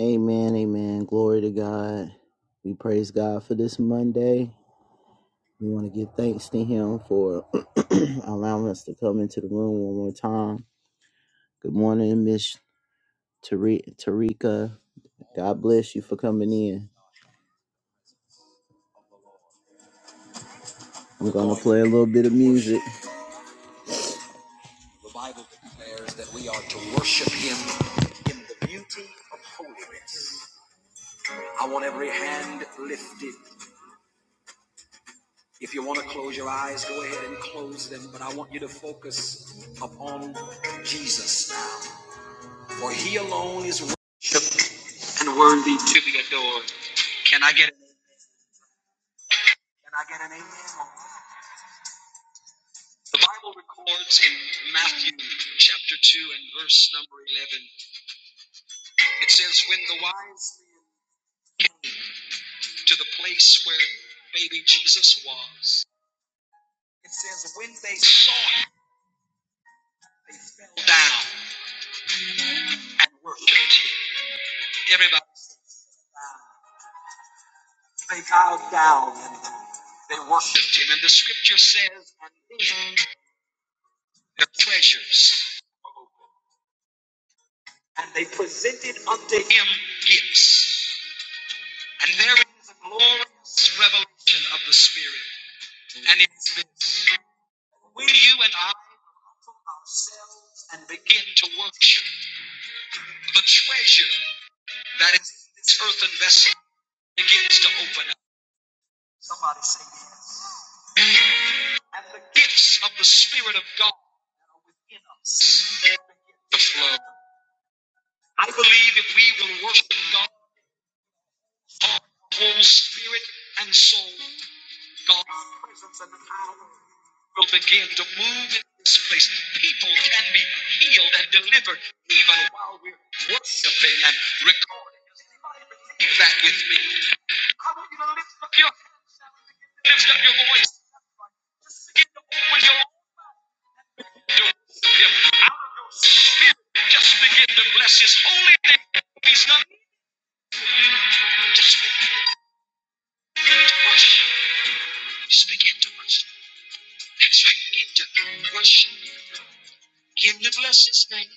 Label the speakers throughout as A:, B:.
A: Amen, amen. Glory to God. We praise God for this Monday. We want to give thanks to Him for allowing us to come into the room one more time. Good morning, Miss Tari- Tarika. God bless you for coming in. I'm going to play a little bit of music. And begin to worship the treasure that is this earthen vessel begins to open up. Somebody say yes. And the gifts of the Spirit of God that are within us. The flow. I believe if we will worship God, whole spirit and soul, God's presence and power will begin to move in this place. People can be healed and delivered even while we're worshiping and recording. Does anybody believe that with me? I want you to lift up your hands now and begin to lift up your voice. Just begin to open your mouth to worship him out of your spirit. Just begin to bless his holy name. He's not. Just begin to worship. Just begin to worship. That's right. Begin to worship. Begin to bless his name.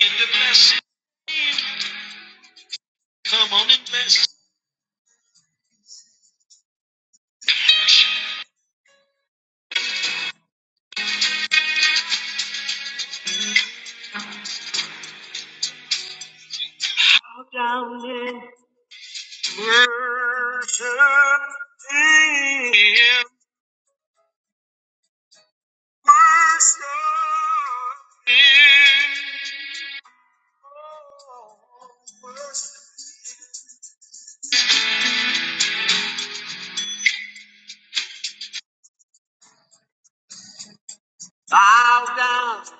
A: Begin to bless. Come on and let's bow down and worship Him. Worship Him. Oh, worship. Him. Bow down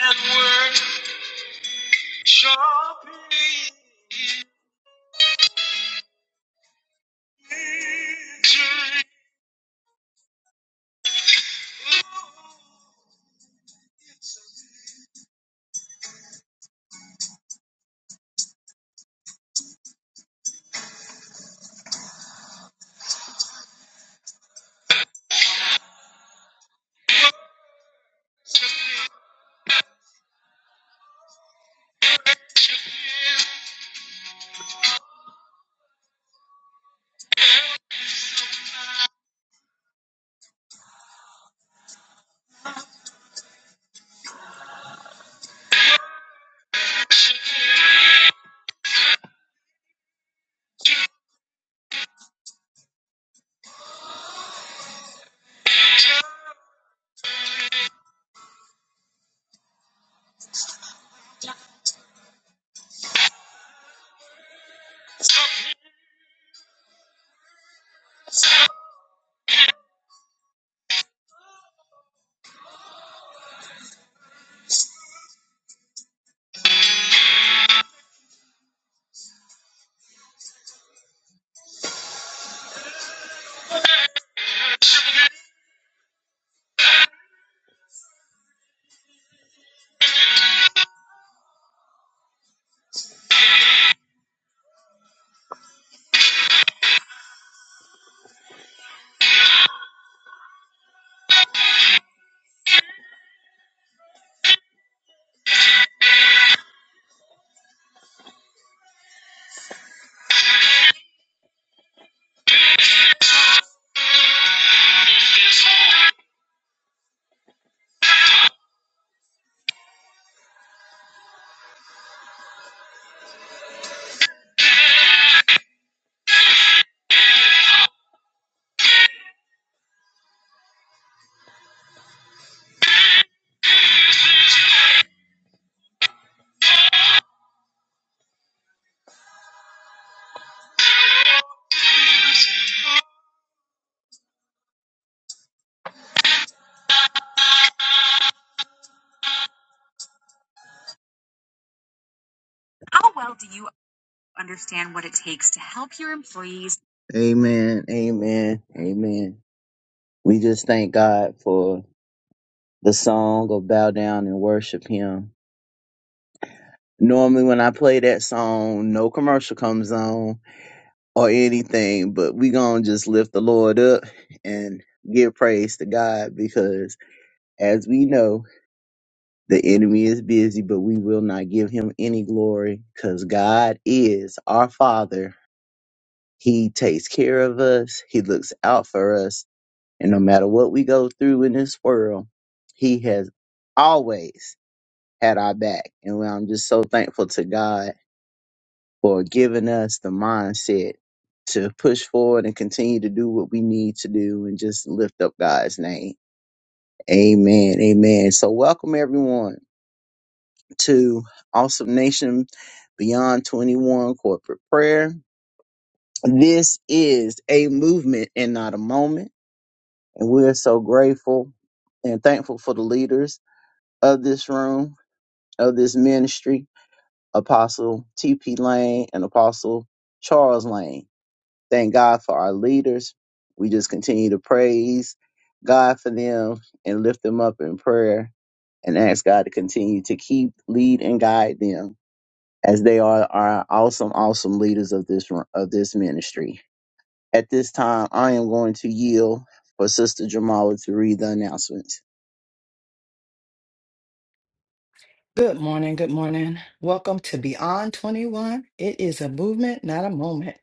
A: and worship Him. Amen. Amen. Amen. We just thank God for the song of Bow Down and Worship Him. Normally, when I play that song, no commercial comes on or anything, but we going to just lift the Lord up and give praise to God because, as we know, the enemy is busy, but we will not give him any glory because God is our Father. He takes care of us, He looks out for us. And no matter what we go through in this world, He has always had our back. And I'm just so thankful to God for giving us the mindset to push forward and continue to do what we need to do and just lift up God's name. Amen. Amen. So welcome everyone to Awesome Nation Beyond 21 Corporate Prayer. This is a movement and not a moment. And we're so grateful and thankful for the leaders of this room, of this ministry Apostle T.P. Lane and Apostle Charles Lane. Thank God for our leaders. We just continue to praise God for them and lift them up in prayer and ask God to continue to keep, lead, and guide them as they are our awesome, awesome leaders of this of this ministry. At this time, I am going to yield for Sister Jamala to read the announcements.
B: Good morning. Good morning. Welcome to Beyond 21. It is a movement, not a moment.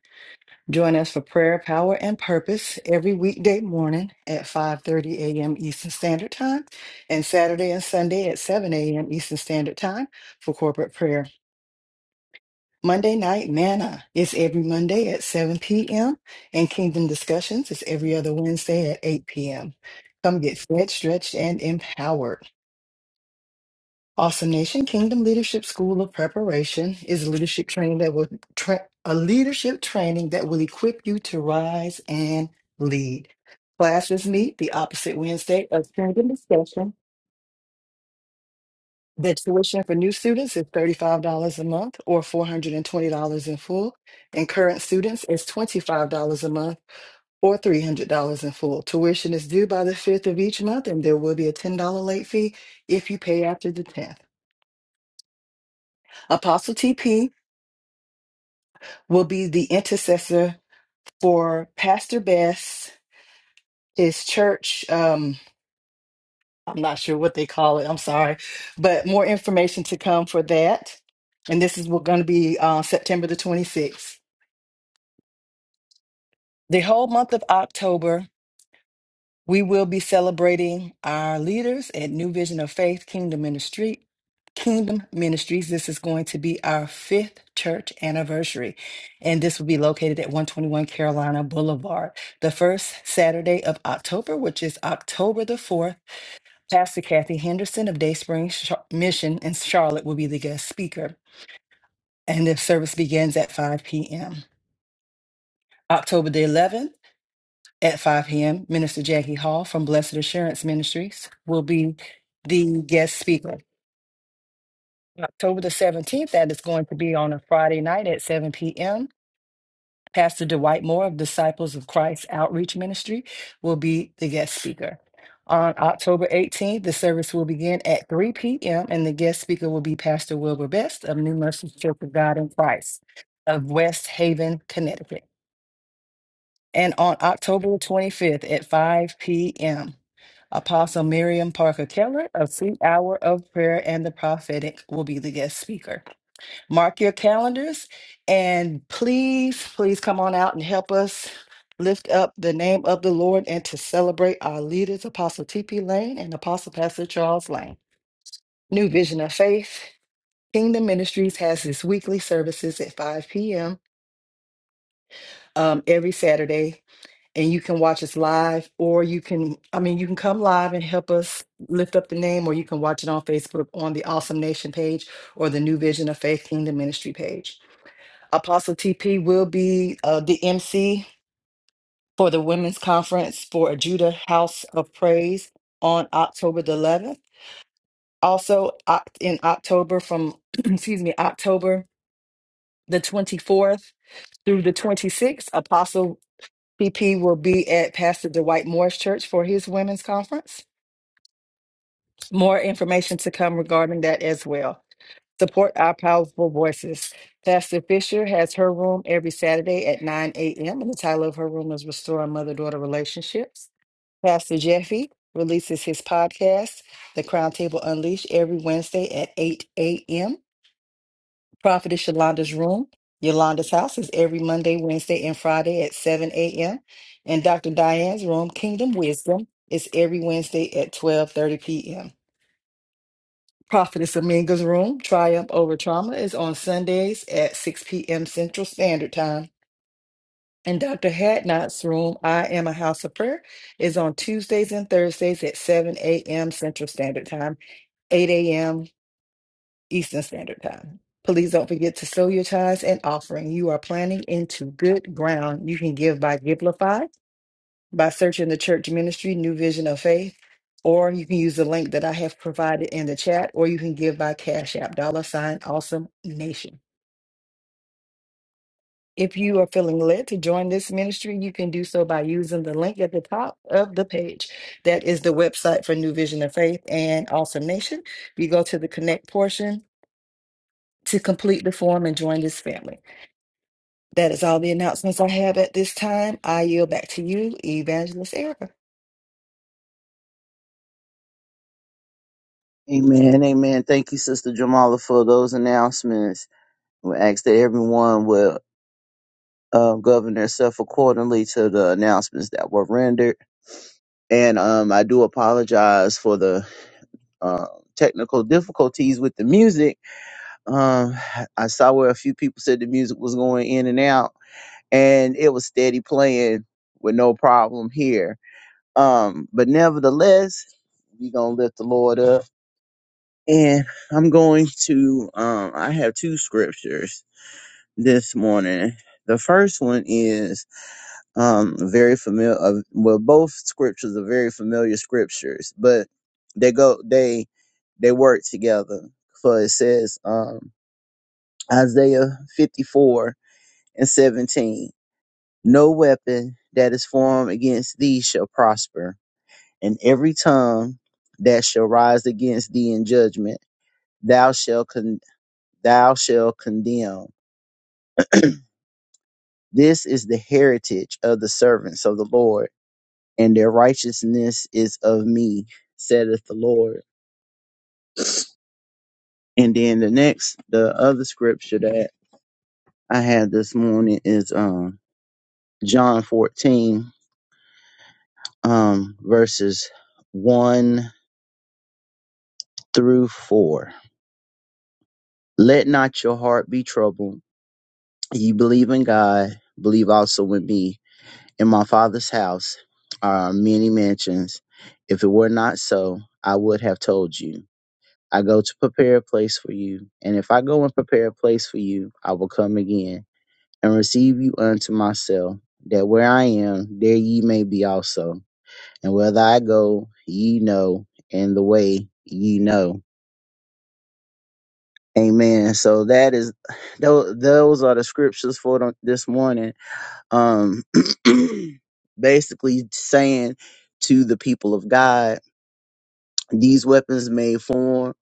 B: Join us for prayer, power, and purpose every weekday morning at 5:30 a.m. Eastern Standard Time and Saturday and Sunday at 7 a.m. Eastern Standard Time for corporate prayer. Monday night manna is every Monday at 7 p.m. and Kingdom Discussions is every other Wednesday at 8 p.m. Come get fed, stretched, and empowered. Awesome Nation Kingdom Leadership School of Preparation is a leadership training that will tra- a leadership training that will equip you to rise and lead. Classes meet the opposite Wednesday of Kingdom Discussion. The tuition for new students is $35 a month or $420 in full, and current students is $25 a month or $300 in full. Tuition is due by the 5th of each month, and there will be a $10 late fee if you pay after the 10th. Apostle TP will be the intercessor for Pastor Bess, his church. Um, I'm not sure what they call it. I'm sorry, but more information to come for that. And this is going to be uh, September the 26th. The whole month of October We will be celebrating our leaders at New Vision of Faith Kingdom Ministry. Kingdom Ministries. This is going to be our fifth church anniversary, and this will be located at 121 Carolina Boulevard. The first Saturday of October, which is October the 4th, Pastor Kathy Henderson of Day Spring Sh- Mission in Charlotte will be the guest speaker, and the service begins at 5 p.m. October the 11th. At 5 p.m., Minister Jackie Hall from Blessed Assurance Ministries will be the guest speaker. October the 17th, that is going to be on a Friday night at 7 p.m. Pastor Dwight Moore of Disciples of Christ Outreach Ministry will be the guest speaker. On October 18th, the service will begin at 3 p.m., and the guest speaker will be Pastor Wilbur Best of New Mercy Church of God in Christ of West Haven, Connecticut. And on October 25th at 5 p.m., Apostle Miriam Parker Keller of Sweet Hour of Prayer and the Prophetic will be the guest speaker. Mark your calendars and please, please come on out and help us lift up the name of the Lord and to celebrate our leaders, Apostle T.P. Lane and Apostle Pastor Charles Lane. New Vision of Faith. Kingdom Ministries has its weekly services at 5 p.m. um, every Saturday and you can watch us live or you can i mean you can come live and help us lift up the name or you can watch it on facebook on the awesome nation page or the new vision of faith kingdom ministry page apostle tp will be uh, the mc for the women's conference for judah house of praise on october the 11th also oc- in october from excuse me october the 24th through the 26th apostle PP will be at Pastor Dwight Moore's church for his women's conference. More information to come regarding that as well. Support our powerful voices. Pastor Fisher has her room every Saturday at 9 a.m. And the title of her room is Restoring Mother Daughter Relationships. Pastor Jeffy releases his podcast, The Crown Table Unleashed, every Wednesday at 8 a.m. Prophetess Yolanda's room, Yolanda's house, is every Monday, Wednesday, and Friday at 7 a.m. And Dr. Diane's room, Kingdom Wisdom, is every Wednesday at 12:30 p.m. Prophetess Aminga's Room, Triumph Over Trauma, is on Sundays at 6 p.m. Central Standard Time. And Dr. Hadnot's Room, I Am a House of Prayer, is on Tuesdays and Thursdays at 7 a.m. Central Standard Time, 8 a.m. Eastern Standard Time. Please don't forget to sow your tithes and offering. You are planting into good ground. You can give by Givelify by searching the church ministry, New Vision of Faith, or you can use the link that I have provided in the chat, or you can give by Cash App, dollar sign, awesome nation. If you are feeling led to join this ministry, you can do so by using the link at the top of the page. That is the website for New Vision of Faith and Awesome Nation. You go to the connect portion to complete the form and join this family. That is all the announcements I have at this time. I yield back to you, Evangelist Erica.
A: Amen, amen. Thank you, Sister Jamala, for those announcements. We ask that everyone will uh, govern themselves accordingly to the announcements that were rendered. and um, I do apologize for the uh, technical difficulties with the music. Um, I saw where a few people said the music was going in and out, and it was steady playing with no problem here. Um, but nevertheless, we're gonna lift the Lord up, and I'm going to. Um, I have two scriptures this morning. The first one is um very familiar uh, well both scriptures are very familiar scriptures but they go they they work together for it says um isaiah 54 and 17 no weapon that is formed against thee shall prosper and every tongue that shall rise against thee in judgment thou shall con- thou shall condemn this is the heritage of the servants of the lord and their righteousness is of me, saith the Lord. And then the next, the other scripture that I had this morning is um, John 14, um, verses 1 through 4. Let not your heart be troubled. Ye believe in God, believe also in me. In my Father's house are many mansions. If it were not so, I would have told you I go to prepare a place for you. And if I go and prepare a place for you, I will come again and receive you unto myself, that where I am, there ye may be also. And whether I go, ye know, and the way ye know. Amen. So that is, tho- those are the scriptures for the- this morning. Um, basically saying to the people of God, these weapons may form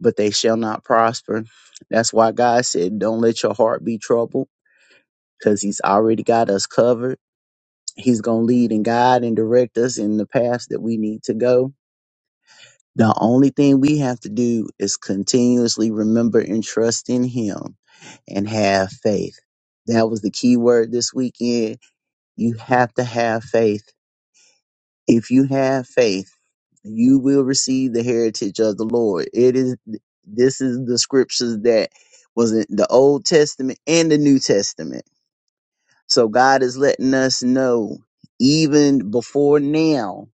A: but they shall not prosper. That's why God said, Don't let your heart be troubled, because He's already got us covered. He's going to lead and guide and direct us in the path that we need to go. The only thing we have to do is continuously remember and trust in Him and have faith. That was the key word this weekend. You have to have faith If you have faith, you will receive the heritage of the Lord. It is this is the scriptures that was in the Old Testament and the New Testament. So God is letting us know even before now,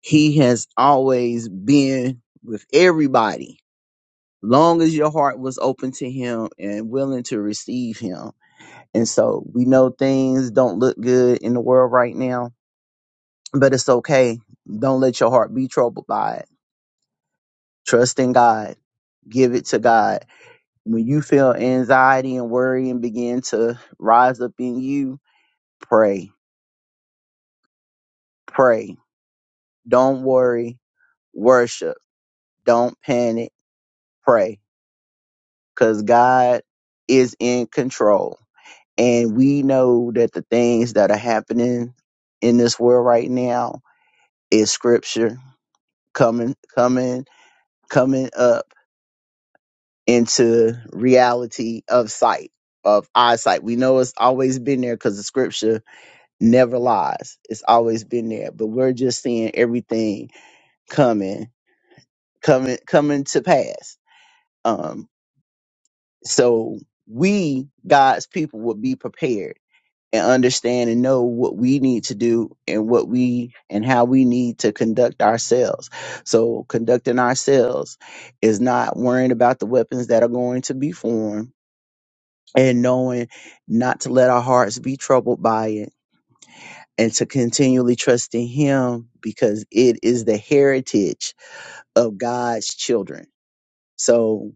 A: he has always been with everybody. Long as your heart was open to him and willing to receive him. And so we know things don't look good in the world right now, but it's okay. Don't let your heart be troubled by it Trust in God. Give it to God. When you feel anxiety and worry and begin to rise up in you, pray. Pray. Don't worry. Worship. Don't panic. Pray. Because God is in control. And we know that the things that are happening in this world right now is scripture coming, coming, coming up. into reality of sight of eyesight we know it's always been there because the scripture never lies it's always been there but we're just seeing everything coming coming coming to pass um so we god's people would be prepared and understand and know what we need to do and what we and how we need to conduct ourselves so conducting ourselves is not worrying about the weapons that are going to be formed and knowing not to let our hearts be troubled by it and to continually trust in him because it is the heritage of God's children. So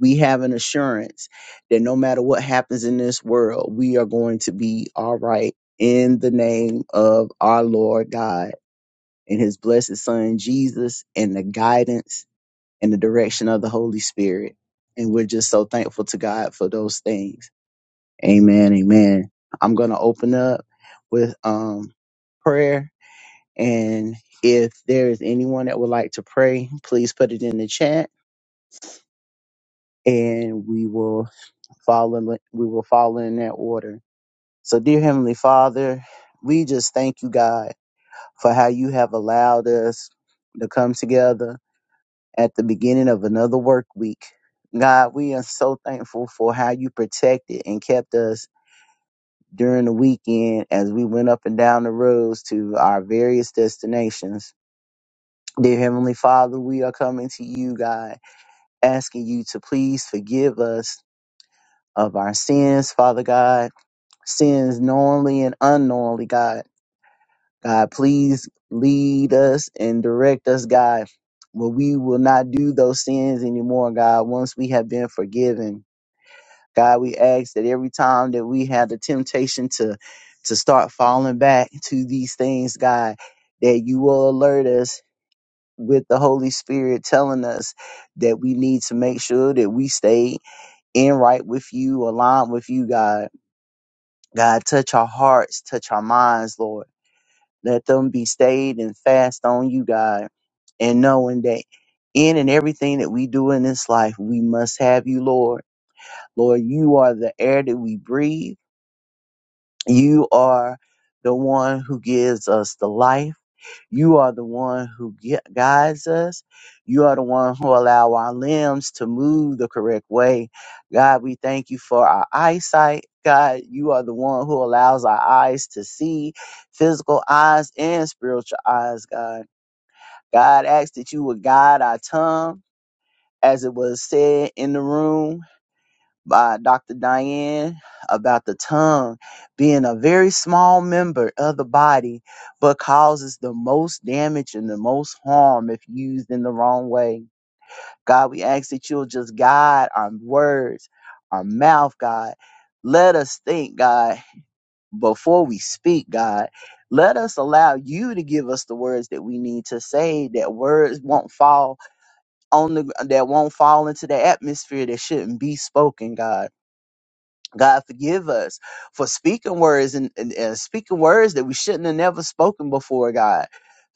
A: we have an assurance that no matter what happens in this world, we are going to be all right in the name of our Lord God and his blessed son Jesus and the guidance and the direction of the Holy Spirit. And we're just so thankful to God for those things. Amen. Amen. I'm going to open up with um, prayer. And if there is anyone that would like to pray, please put it in the chat and we will follow, we will follow in that order. So dear Heavenly Father, we just thank you, God, for how you have allowed us to come together at the beginning of another work week. God, we are so thankful for how you protected and kept us during the weekend as we went up and down the roads to our various destinations. Dear Heavenly Father, we are coming to you, God, asking you to please forgive us of our sins, Father God, sins knowingly and unknowingly, God. God, please lead us and direct us, God. Well, we will not do those sins anymore, God, once we have been forgiven. God, we ask that every time that we have the temptation to to start falling back to these things, God, that you will alert us with the Holy Spirit telling us that we need to make sure that we stay in right with you, aligned with you, God. God, touch our hearts, touch our minds, Lord. Let them be stayed and fast on you, God, and knowing that in and everything that we do in this life, we must have you, Lord. Lord, you are the air that we breathe. You are the one who gives us the life. You are the one who gui- guides us. You are the one who allow our limbs to move the correct way. God, we thank you for our eyesight. God, you are the one who allows our eyes to see, physical eyes and spiritual eyes, God. God, ask that you would guide our tongue as it was said in the room by Dr. Diane about the tongue being a very small member of the body, but causes the most damage and the most harm if used in the wrong way. God, we ask that you'll just guide our words, our mouth, God. Let us think, God, before we speak, God. Let us allow you to give us the words that we need to say, that words won't fall on the that won't fall into the atmosphere that shouldn't be spoken, God. God forgive us for speaking words and, and, and speaking words that we shouldn't have never spoken before, God.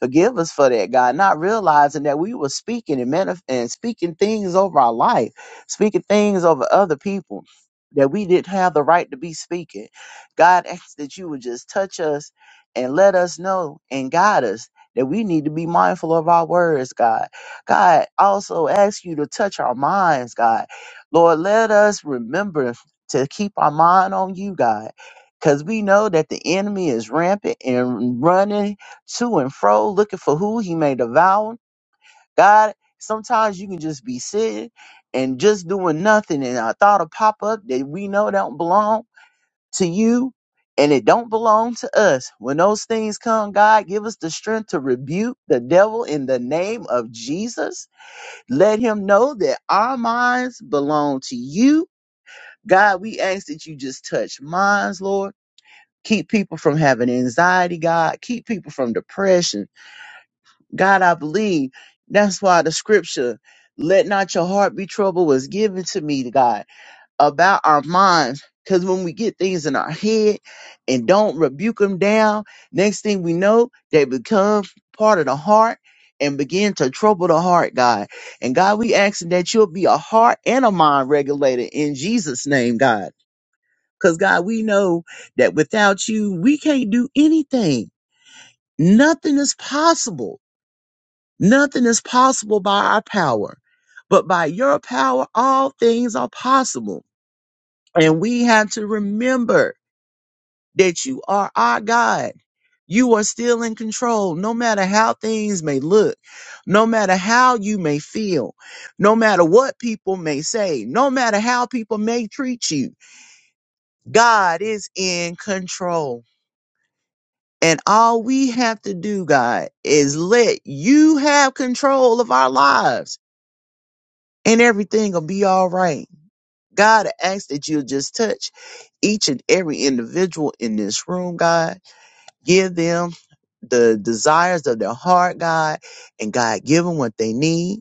A: Forgive us for that, God, not realizing that we were speaking and manif- and speaking things over our life, speaking things over other people that we didn't have the right to be speaking. God asks that you would just touch us and let us know and guide us that we need to be mindful of our words, God. God also asks you to touch our minds, God. Lord, let us remember to keep our mind on you, God. Because we know that the enemy is rampant and running to and fro looking for who he may devour. God, sometimes you can just be sitting and just doing nothing, and a thought will pop up that we know don't belong to you and it don't belong to us. When those things come, God, give us the strength to rebuke the devil in the name of Jesus. Let him know that our minds belong to you God, we ask that you just touch minds, Lord. Keep people from having anxiety, God. Keep people from depression. God, I believe that's why the scripture, let not your heart be troubled, was given to me, God, about our minds. Because when we get things in our head and don't rebuke them down, next thing we know, they become part of the heart and begin to trouble the heart, God. And God, we asking that you'll be a heart and a mind regulator in Jesus' name, God. Because, God, we know that without you, we can't do anything. Nothing is possible. Nothing is possible by our power. But by your power, all things are possible. And we have to remember that you are our God. You are still in control, no matter how things may look, no matter how you may feel, no matter what people may say, no matter how people may treat you. God is in control. And all we have to do, God, is let you have control of our lives and everything will be all right. God, I ask that you'll just touch each and every individual in this room, God. Give them the desires of their heart, God, and God, give them what they need.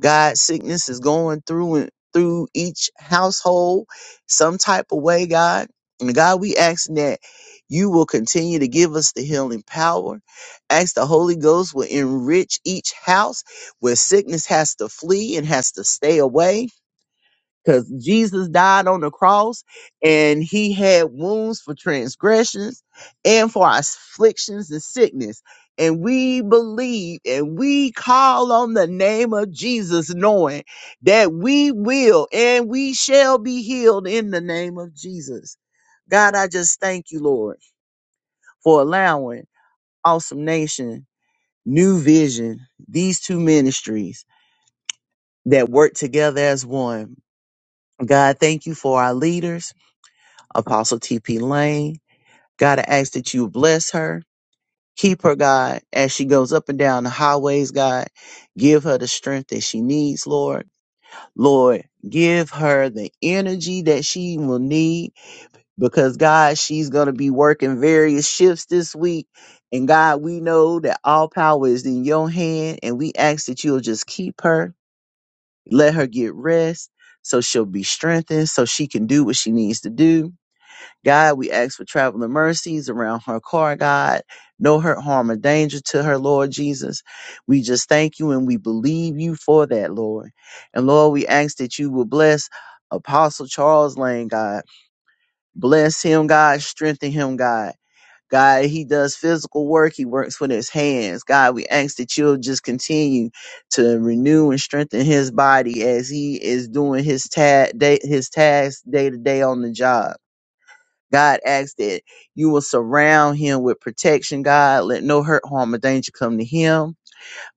A: God, sickness is going through and through each household some type of way, God. And God, we ask that you will continue to give us the healing power. Ask the Holy Ghost will enrich each house where sickness has to flee and has to stay away because Jesus died on the cross and he had wounds for transgressions and for our afflictions and sickness. And we believe and we call on the name of Jesus, knowing that we will and we shall be healed in the name of Jesus. God, I just thank you, Lord, for allowing Awesome Nation, New Vision, these two ministries that work together as one. God, thank you for our leaders. Apostle TP Lane. God, I ask that you bless her, keep her, God, as she goes up and down the highways, God. Give her the strength that she needs, Lord. Lord, give her the energy that she will need because, God, she's going to be working various shifts this week. And God, we know that all power is in your hand, and we ask that you'll just keep her, let her get rest so she'll be strengthened, so she can do what she needs to do. God, we ask for traveling mercies around her car, God. No hurt, harm, or danger to her, Lord Jesus. We just thank you and we believe you for that, Lord. And Lord, we ask that you will bless Apostle Charles Lane, God. Bless him, God. Strengthen him, God. God, he does physical work. He works with his hands. God, we ask that you'll just continue to renew and strengthen his body as he is doing his ta- day, his tasks day to day on the job. God asks that you will surround him with protection, God. Let no hurt, harm, or danger come to him.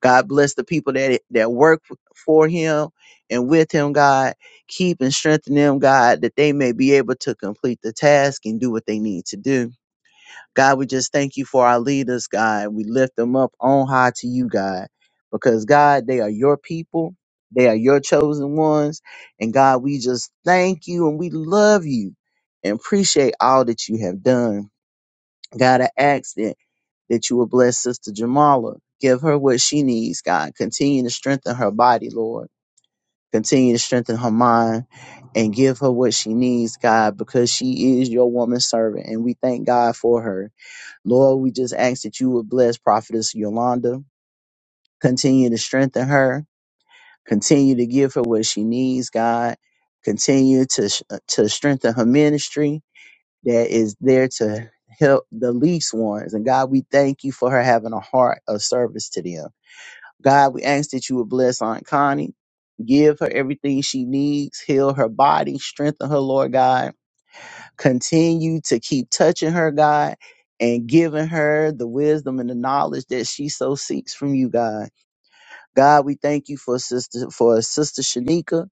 A: God bless the people that, that work for him and with him, God. Keep and strengthen them, God, that they may be able to complete the task and do what they need to do. God, we just thank you for our leaders, God. We lift them up on high to you, God, because God, they are your people. They are your chosen ones. And God, we just thank you and we love you and appreciate all that you have done. God, I ask that, that you will bless Sister Jamala. Give her what she needs, God. Continue to strengthen her body, Lord. Continue to strengthen her mind and give her what she needs, God, because she is your woman servant. And we thank God for her. Lord, we just ask that you would bless Prophetess Yolanda, continue to strengthen her, continue to give her what she needs, God, continue to sh- uh, to strengthen her ministry that is there to help the least ones. And God, we thank you for her having a heart of service to them. God, we ask that you would bless Aunt Connie, give her everything she needs, heal her body, strengthen her, Lord God Continue to keep touching her, God, and giving her the wisdom and the knowledge that she so seeks from you, God. God, we thank you for sister for sister Shanika.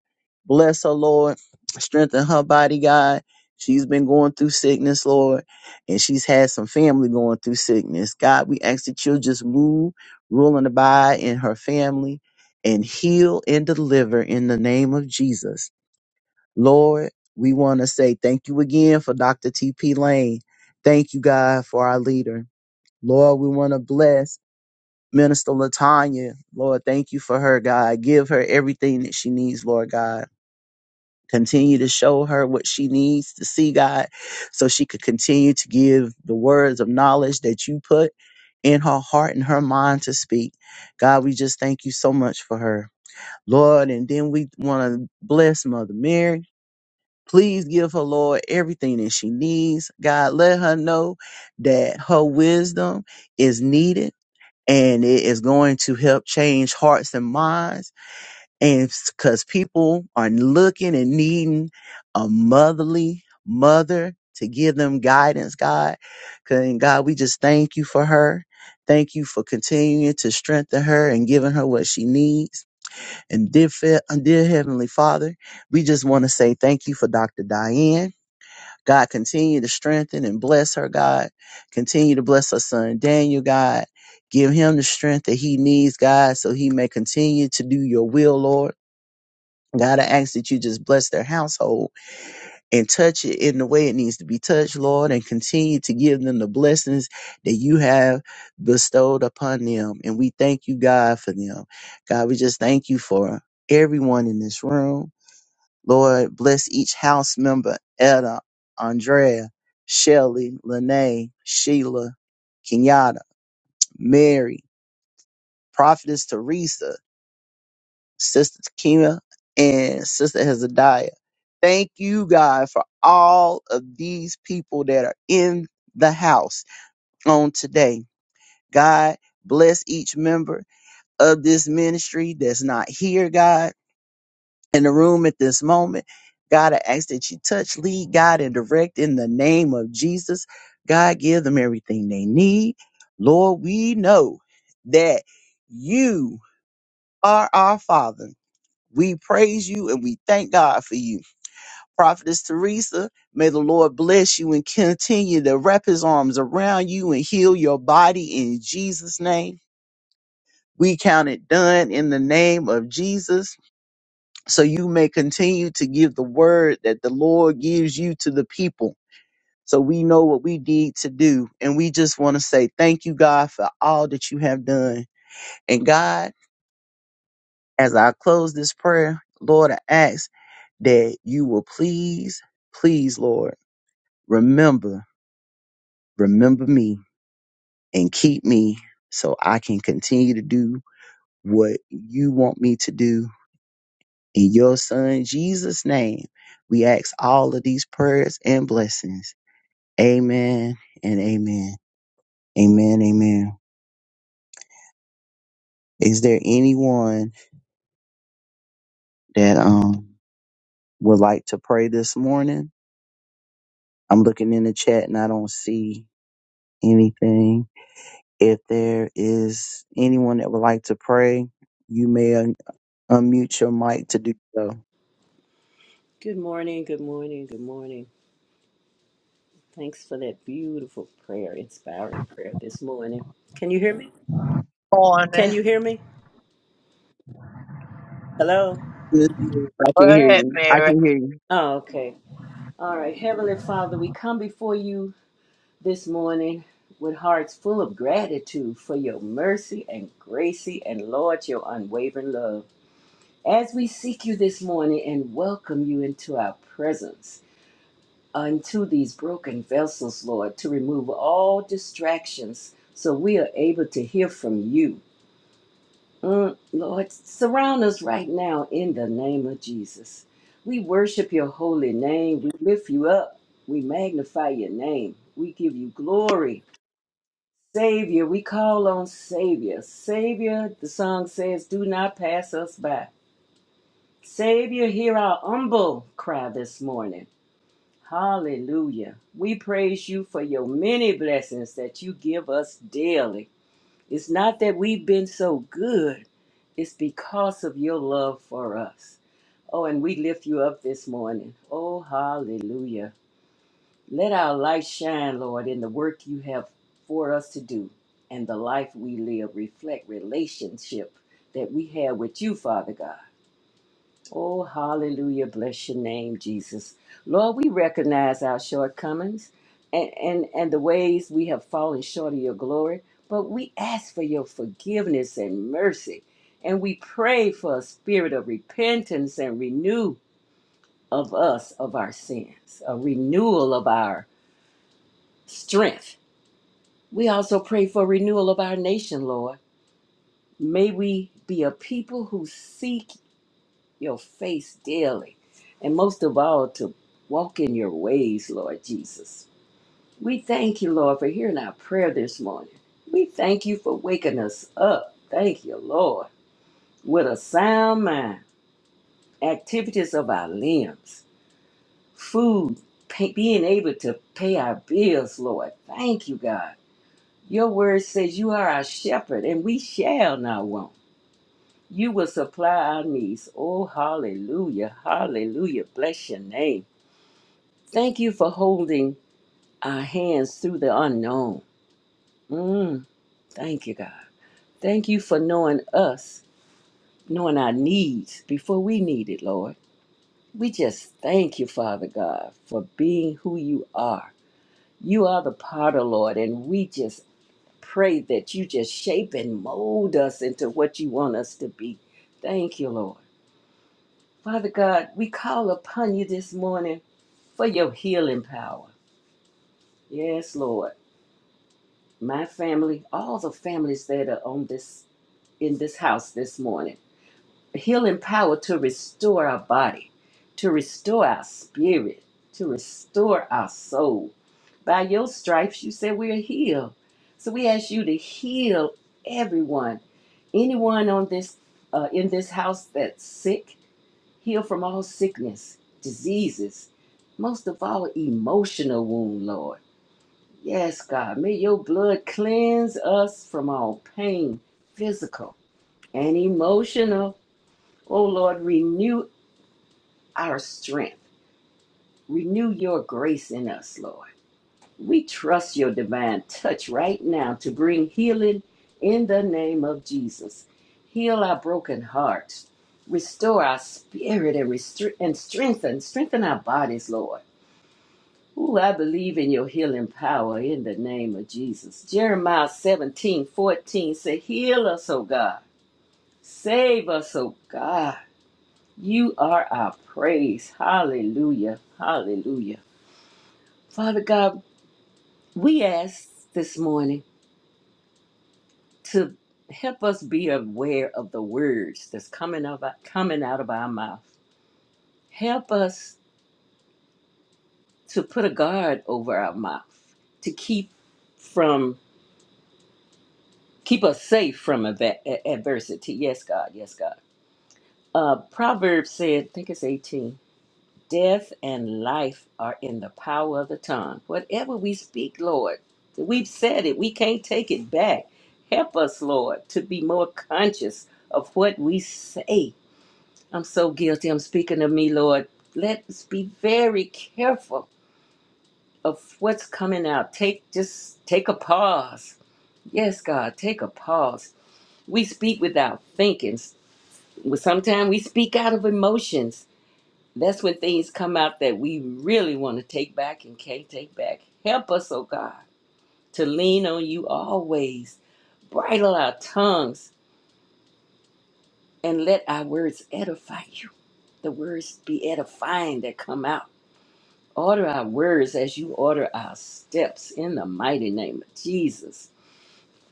A: Bless her, Lord. Strengthen her body, God. She's been going through sickness, Lord, and she's had some family going through sickness. God, we ask that you'll just move, rule, and abide in her family and heal and deliver in the name of Jesus. Lord, we want to say thank you again for Dr. T.P. Lane. Thank you, God, for our leader. Lord, we want to bless Minister Latanya. Lord, thank you for her, God. Give her everything that she needs, Lord God. Continue to show her what she needs to see, God, so she could continue to give the words of knowledge that you put in her heart and her mind to speak. God, we just thank you so much for her. Lord, and then we want to bless Mother Mary. Please give her, Lord, everything that she needs. God, let her know that her wisdom is needed and it is going to help change hearts and minds. And because people are looking and needing a motherly mother to give them guidance, God. 'Cause- And God, we just thank you for her. Thank you for continuing to strengthen her and giving her what she needs. And dear, Fa- dear Heavenly Father, we just want to say thank you for Dr. Diane. God, continue to strengthen and bless her, God. Continue to bless her son, Daniel, God. Give him the strength that he needs, God, so he may continue to do your will, Lord. God, I ask that you just bless their household and touch it in the way it needs to be touched, Lord, and continue to give them the blessings that you have bestowed upon them. And we thank you, God, for them. God, we just thank you for everyone in this room. Lord, bless each house member, Etta, Andrea, Shelley, Lene, Sheila, Kenyatta, Mary, Prophetess Teresa, Sister Kima, and Sister Hezekiah. Thank you, God, for all of these people that are in the house on today. God, bless each member of this ministry that's not here, God. in the room at this moment. God, I ask that you touch, lead, God, and direct in the name of Jesus. God, give them everything they need. Lord, we know that you are our Father. We praise you and we thank God for you. Prophetess Teresa, may the Lord bless you and continue to wrap his arms around you and heal your body in Jesus' name. We count it done in the name of Jesus. so you may continue to give the word that the Lord gives you to the people. So we know what we need to do. And we just want to say thank you, God, for all that you have done. And God, as I close this prayer, Lord, I ask that you will please, please, Lord, remember, remember me and keep me so I can continue to do what you want me to do. In your son Jesus' name, we ask all of these prayers and blessings. Amen and amen. Amen, amen. Is there anyone that um would like to pray this morning? I'm looking in the chat and I don't see anything. If there is anyone that would like to pray, you may un- unmute your mic to do so.
C: Good morning, good morning, good morning. Thanks for that beautiful prayer, inspiring prayer this morning. Can you hear me?
D: morning.
C: Can you hear me? Hello?
A: Miss Mary, I
D: Go
A: can hear
D: ahead,
A: you. I
D: Mary.
A: can hear you.
C: Oh, okay. All right. Heavenly Father, we come before you this morning with hearts full of gratitude for your mercy and gracy and, Lord, your unwavering love. As we seek you this morning and welcome you into our presence, unto these broken vessels, Lord, to remove all distractions so we are able to hear from you. Mm, Lord, surround us right now in the name of Jesus. We worship your holy name. We lift you up. We magnify your name. We give you glory. Savior, we call on Savior. Savior, the song says, do not pass us by. Savior, hear our humble cry this morning. Hallelujah. We praise you for your many blessings that you give us daily. It's not that we've been so good, it's because of your love for us. Oh, and we lift you up this morning. Oh, hallelujah. Let our light shine, Lord, in the work you have for us to do and the life we live reflect relationship that we have with you, Father God. Oh, hallelujah. Bless your name, Jesus. Lord, we recognize our shortcomings and, and, and the ways we have fallen short of your glory, but we ask for your forgiveness and mercy. And we pray for a spirit of repentance and renew of us of our sins, a renewal of our strength. We also pray for renewal of our nation, Lord. May we be a people who seek your face daily, and most of all, to walk in your ways, Lord Jesus. We thank you, Lord, for hearing our prayer this morning. We thank you for waking us up. Thank you, Lord, with a sound mind, activities of our limbs, food, pay, being able to pay our bills, Lord. Thank you, God. Your word says you are our shepherd, and we shall not want. You will supply our needs. Oh, hallelujah, hallelujah. Bless your name. Thank you for holding our hands through the unknown. Mm, thank you, God. Thank you for knowing us, knowing our needs before we need it, Lord. We just thank you, Father God, for being who you are. You are the potter, Lord, and we just pray that you just shape and mold us into what you want us to be. Thank you, Lord. Father God, we call upon you this morning for your healing power. Yes, Lord. my family, all the families that are on this in this house this morning. Healing power to restore our body, to restore our spirit, to restore our soul. By your stripes, you said we are healed. So we ask you to heal everyone, anyone on this uh, in this house that's sick. Heal from all sickness, diseases, most of all emotional wound, Lord. Yes, God. May your blood cleanse us from all pain, physical and emotional. Oh, Lord, renew our strength. Renew your grace in us, Lord. We trust your divine touch right now to bring healing in the name of Jesus. Heal our broken hearts. Restore our spirit and, restre- and strengthen, strengthen our bodies, Lord. Ooh, I believe in your healing power in the name of Jesus. Jeremiah seventeen fourteen 14 said, Heal us, O God. Save us, O God. You are our praise. Hallelujah. Hallelujah. Father God, we ask this morning to help us be aware of the words that's coming, of our, coming out of our mouth. Help us to put a guard over our mouth, to keep from keep us safe from ava- a- adversity. Yes, God. Yes, God. Uh, Proverbs said, I think it's 18, death and life are in the power of the tongue. Whatever we speak, Lord, we've said it. We can't take it back. Help us, Lord, to be more conscious of what we say. I'm so guilty. I'm speaking of me, Lord. Let's be very careful of what's coming out. Take just take a pause. Yes, God, take a pause. We speak without thinking Well, sometimes we speak out of emotions. That's when things come out that we really want to take back and can't take back. Help us, oh God, to lean on you always. Bridle our tongues and let our words edify you. The words be edifying that come out. Order our words as you order our steps in the mighty name of Jesus.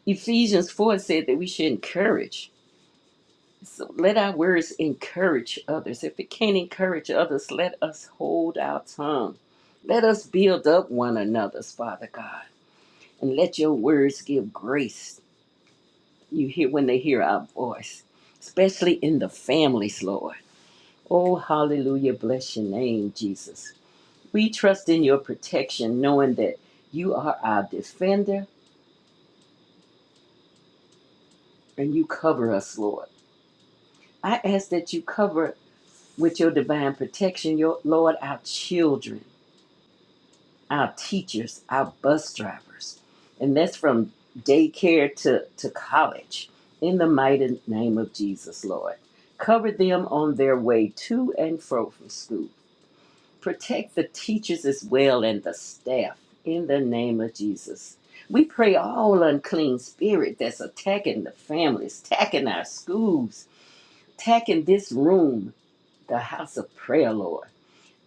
C: Ephesians 4 said that we should encourage So let our words encourage others. If it can't encourage others, let us hold our tongue. Let us build up one another's, Father God. And let your words give grace. You hear when they hear our voice, especially in the families, Lord. Oh, hallelujah. Bless your name, Jesus. We trust in your protection, knowing that you are our defender and you cover us, Lord. I ask that you cover with your divine protection, your Lord, our children our teachers, our bus drivers, and that's from daycare to, to college. In the mighty name of Jesus, Lord. Cover them on their way to and fro from school. Protect the teachers as well and the staff in the name of Jesus. We pray all unclean spirit that's attacking the families, attacking our schools, attacking this room, the house of prayer, Lord.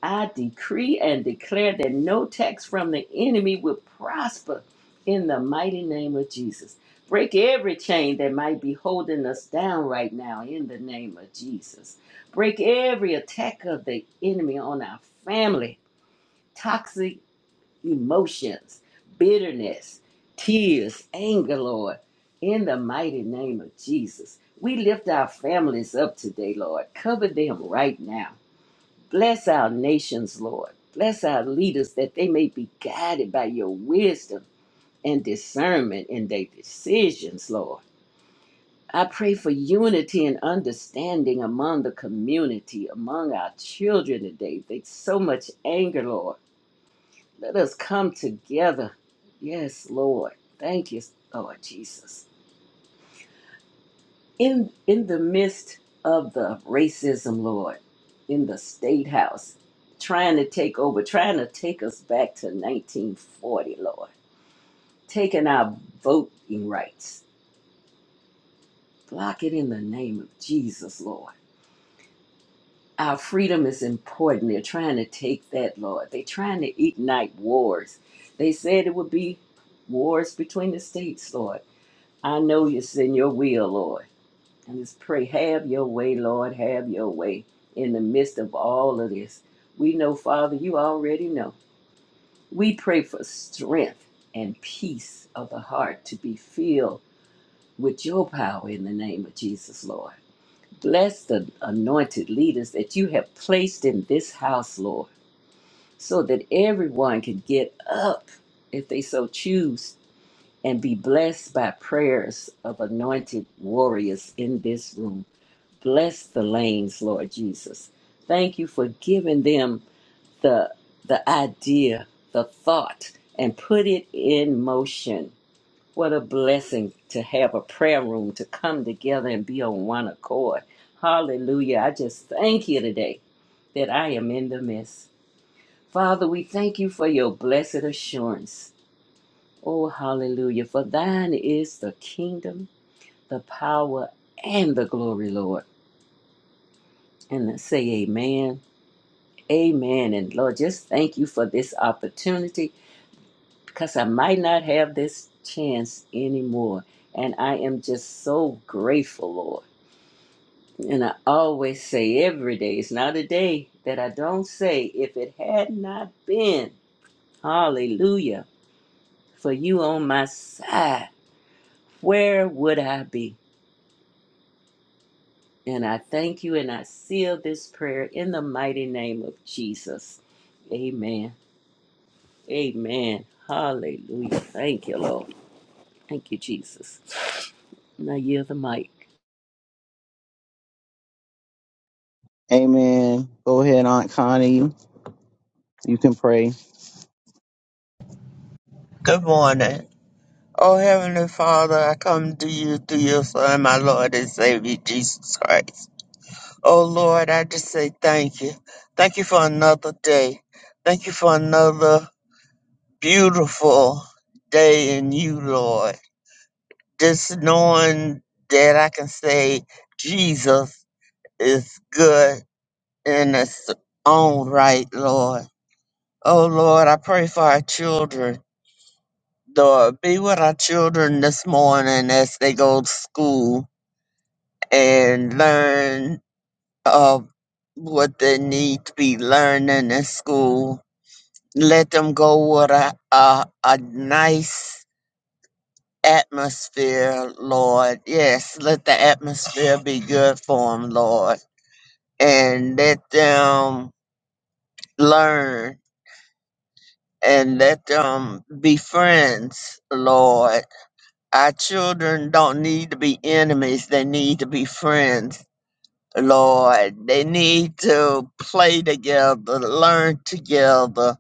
C: I decree and declare that no tax from the enemy will prosper in the mighty name of Jesus. Break every chain that might be holding us down right now in the name of Jesus. Break every attack of the enemy on our family, toxic emotions, bitterness, tears, anger, Lord, in the mighty name of Jesus. We lift our families up today, Lord. Cover them right now Bless our nations, Lord. Bless our leaders that they may be guided by your wisdom and discernment in their decisions, Lord. I pray for unity and understanding among the community, among our children today. There's so much anger, Lord. Let us come together. Yes, Lord. Thank you, Lord Jesus. in in the midst of the racism, Lord, in the state house, trying to take over, trying to take us back to 1940, Lord, taking our voting rights, block it in the name of Jesus, Lord. Our freedom is important. They're trying to take that, Lord. They're trying to ignite wars. They said it would be wars between the states, Lord. I know it's in your will, Lord. And just pray, have your way, Lord, have your way in the midst of all of this. We know, Father, you already know. We pray for strength and peace of the heart to be filled with your power in the name of Jesus, Lord. Bless the anointed leaders that you have placed in this house, Lord, so that everyone can get up if they so choose and be blessed by prayers of anointed warriors in this room. Bless the lanes, Lord Jesus. Thank you for giving them the the idea, the thought, and put it in motion. What a blessing to have a prayer room to come together and be on one accord. Hallelujah. I just thank you today that I am in the midst. Father, we thank you for your blessed assurance. Oh, hallelujah. For thine is the kingdom, the power, and the glory, Lord. And I say amen Amen. And Lord, just thank you for this opportunity because I might not have this chance anymore. And I am just so grateful, Lord. And I always say every day, it's not a day that I don't say, if it had not been, hallelujah, for you on my side, where would I be? And I thank you and I seal this prayer in the mighty name of Jesus. Amen. Amen. Hallelujah. Thank you, Lord. Thank you, Jesus. Now yield the mic.
A: Amen. Go ahead, Aunt Connie. You can pray.
D: Good morning. Oh, Heavenly Father, I come to you through your Son, my Lord and Savior, Jesus Christ. Oh, Lord, I just say thank you. Thank you for another day. Thank you for another beautiful day in you, Lord. Just knowing that I can say Jesus is good in its own right, Lord. Oh, Lord, I pray for our children. Lord, be with our children this morning as they go to school and learn of what they need to be learning in school. Let them go with a, a, a nice atmosphere, Lord. Yes, let the atmosphere be good for them, Lord. And let them learn and let them be friends, Lord Our children don't need to be enemies, they need to be friends, Lord. They need to play together, learn together.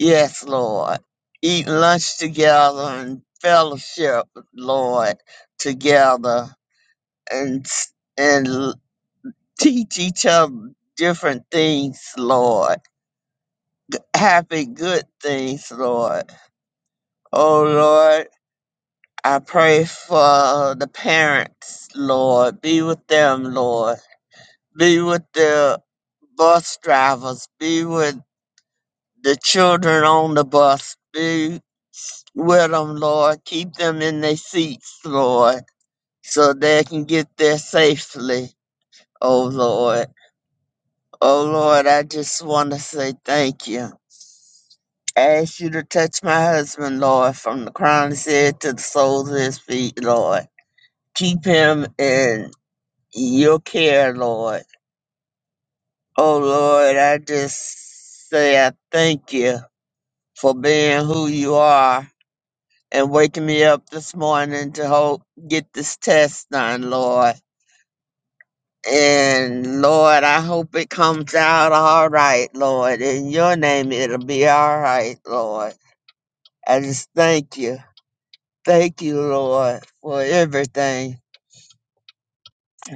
D: Yes, Lord. Eat lunch together and fellowship, Lord, together and s- and l- teach each other different things, Lord. Happy good things, Lord. Oh Lord, I pray for the parents, Lord. Be with them, Lord. Be with the bus drivers. Be with the children on the bus. Be with them, Lord. Keep them in their seats, Lord, so they can get there safely, oh Lord. Oh Lord, I just want to say thank you. I ask you to touch my husband, Lord, from the crown of his head to the soles of his feet, Lord. Keep him in your care, Lord. Oh, Lord, I just say I thank you for being who you are and waking me up this morning to hope get this test done, Lord. And Lord, I hope it comes out all right, Lord. In your name, it'll be all right, Lord. I just thank you. Thank you, Lord, for everything.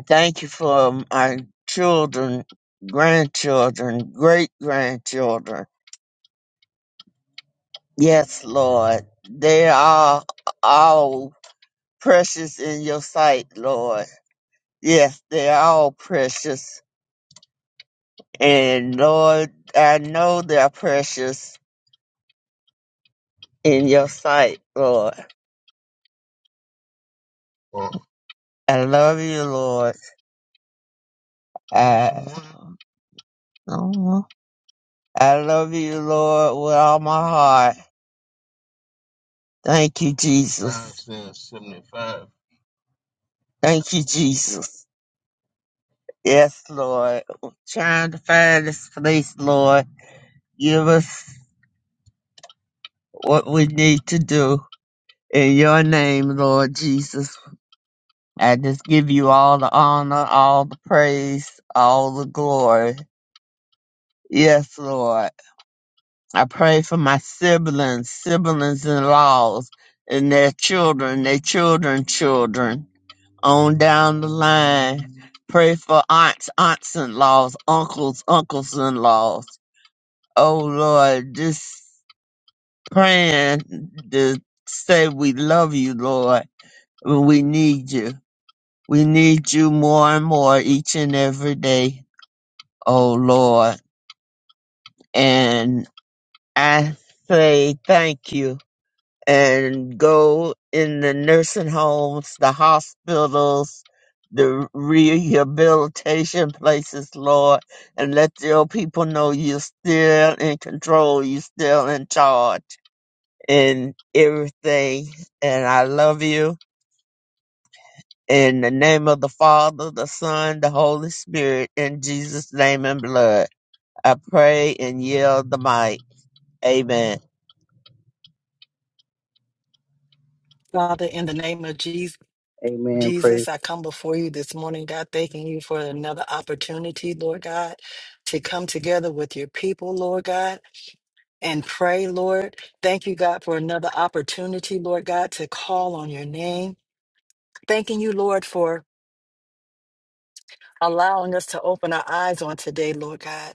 D: Thank you for my children, grandchildren, great grandchildren. Yes, Lord. They are all precious in your sight, Lord. Yes, they are all precious. And Lord, I know they're precious in your sight, Lord. I love you, Lord. I, I love you, Lord, with all my heart. Thank you, Jesus. seventy-five. Thank you, Jesus. Yes, Lord. Trying to find this place, Lord. Give us what we need to do. In your name, Lord Jesus, I just give you all the honor, all the praise, all the glory. Yes, Lord. I pray for my siblings, siblings in laws, and their children, their children, children, on down the line. Pray for aunts, aunts in laws, uncles, uncles in laws. Oh, Lord, just praying to say we love you, Lord We need you. We need you more and more each and every day, oh Lord. And I say thank you and go in the nursing homes, the hospitals, the rehabilitation places, Lord, and let your people know you're still in control, you're still in charge in everything. And I love you In the name of the Father, the Son, the Holy Spirit, in Jesus' name and blood, I pray and yield the mic. Amen.
B: Father, in the name of Jesus.
A: Amen. Praise.
B: Jesus, I come before you this morning, God, thanking you for another opportunity, Lord God, to come together with your people, Lord God, and pray, Lord. Thank you, God, for another opportunity, Lord God, to call on your name. Thanking you, Lord, for allowing us to open our eyes on today, Lord God.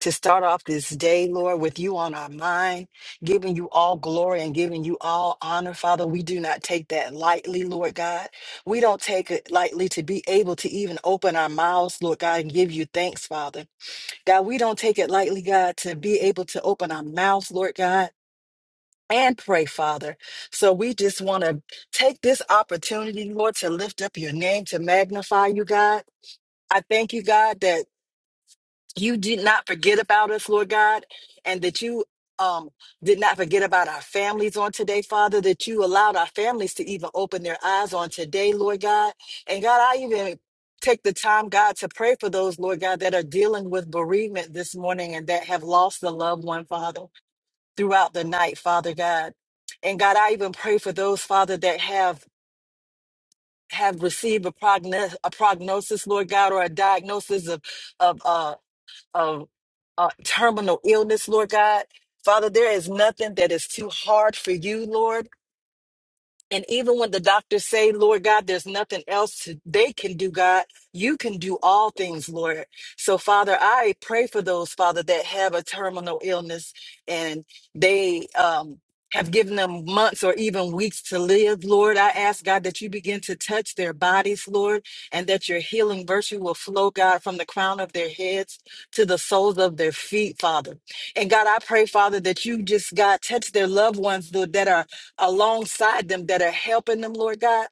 B: to start off this day, Lord, with you on our mind, giving you all glory and giving you all honor, Father. We do not take that lightly, Lord God. We don't take it lightly to be able to even open our mouths, Lord God, and give you thanks, Father. God, we don't take it lightly, God, to be able to open our mouths, Lord God. And pray, Father. So we just want to take this opportunity, Lord, to lift up your name, to magnify you, God. I thank you, God, that you did not forget about us, Lord God, and that you um did not forget about our families on today, Father, that you allowed our families to even open their eyes on today, Lord God. And God, I even take the time, God, to pray for those, Lord God, that are dealing with bereavement this morning and that have lost a loved one, Father, throughout the night, Father God. And God, I even pray for those, Father, that have have received a, progno- a prognosis, Lord God, or a diagnosis of of uh, of uh, terminal illness, Lord God. Father, there is nothing that is too hard for you, Lord. And even when the doctors say, Lord God, there's nothing else they can do, God, you can do all things, Lord. So, Father, I pray for those, Father, that have a terminal illness and they um, have given them months or even weeks to live, Lord. I ask, God, that you begin to touch their bodies, Lord, and that your healing virtue will flow, God, from the crown of their heads to the soles of their feet, Father. And God, I pray, Father, that you just, God, touch their loved ones, Lord, that are alongside them that are helping them, Lord God,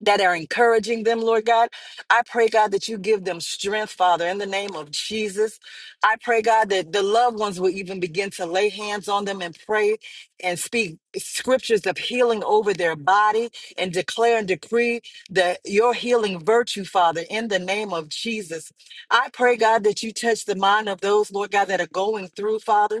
B: that are encouraging them, Lord God. I pray, God, that you give them strength, Father, in the name of Jesus. I pray, God, that the loved ones will even begin to lay hands on them and pray and speak scriptures of healing over their body and declare and decree that your healing virtue, Father, in the name of Jesus. I pray, God, that you touch the mind of those, Lord God, that are going through, Father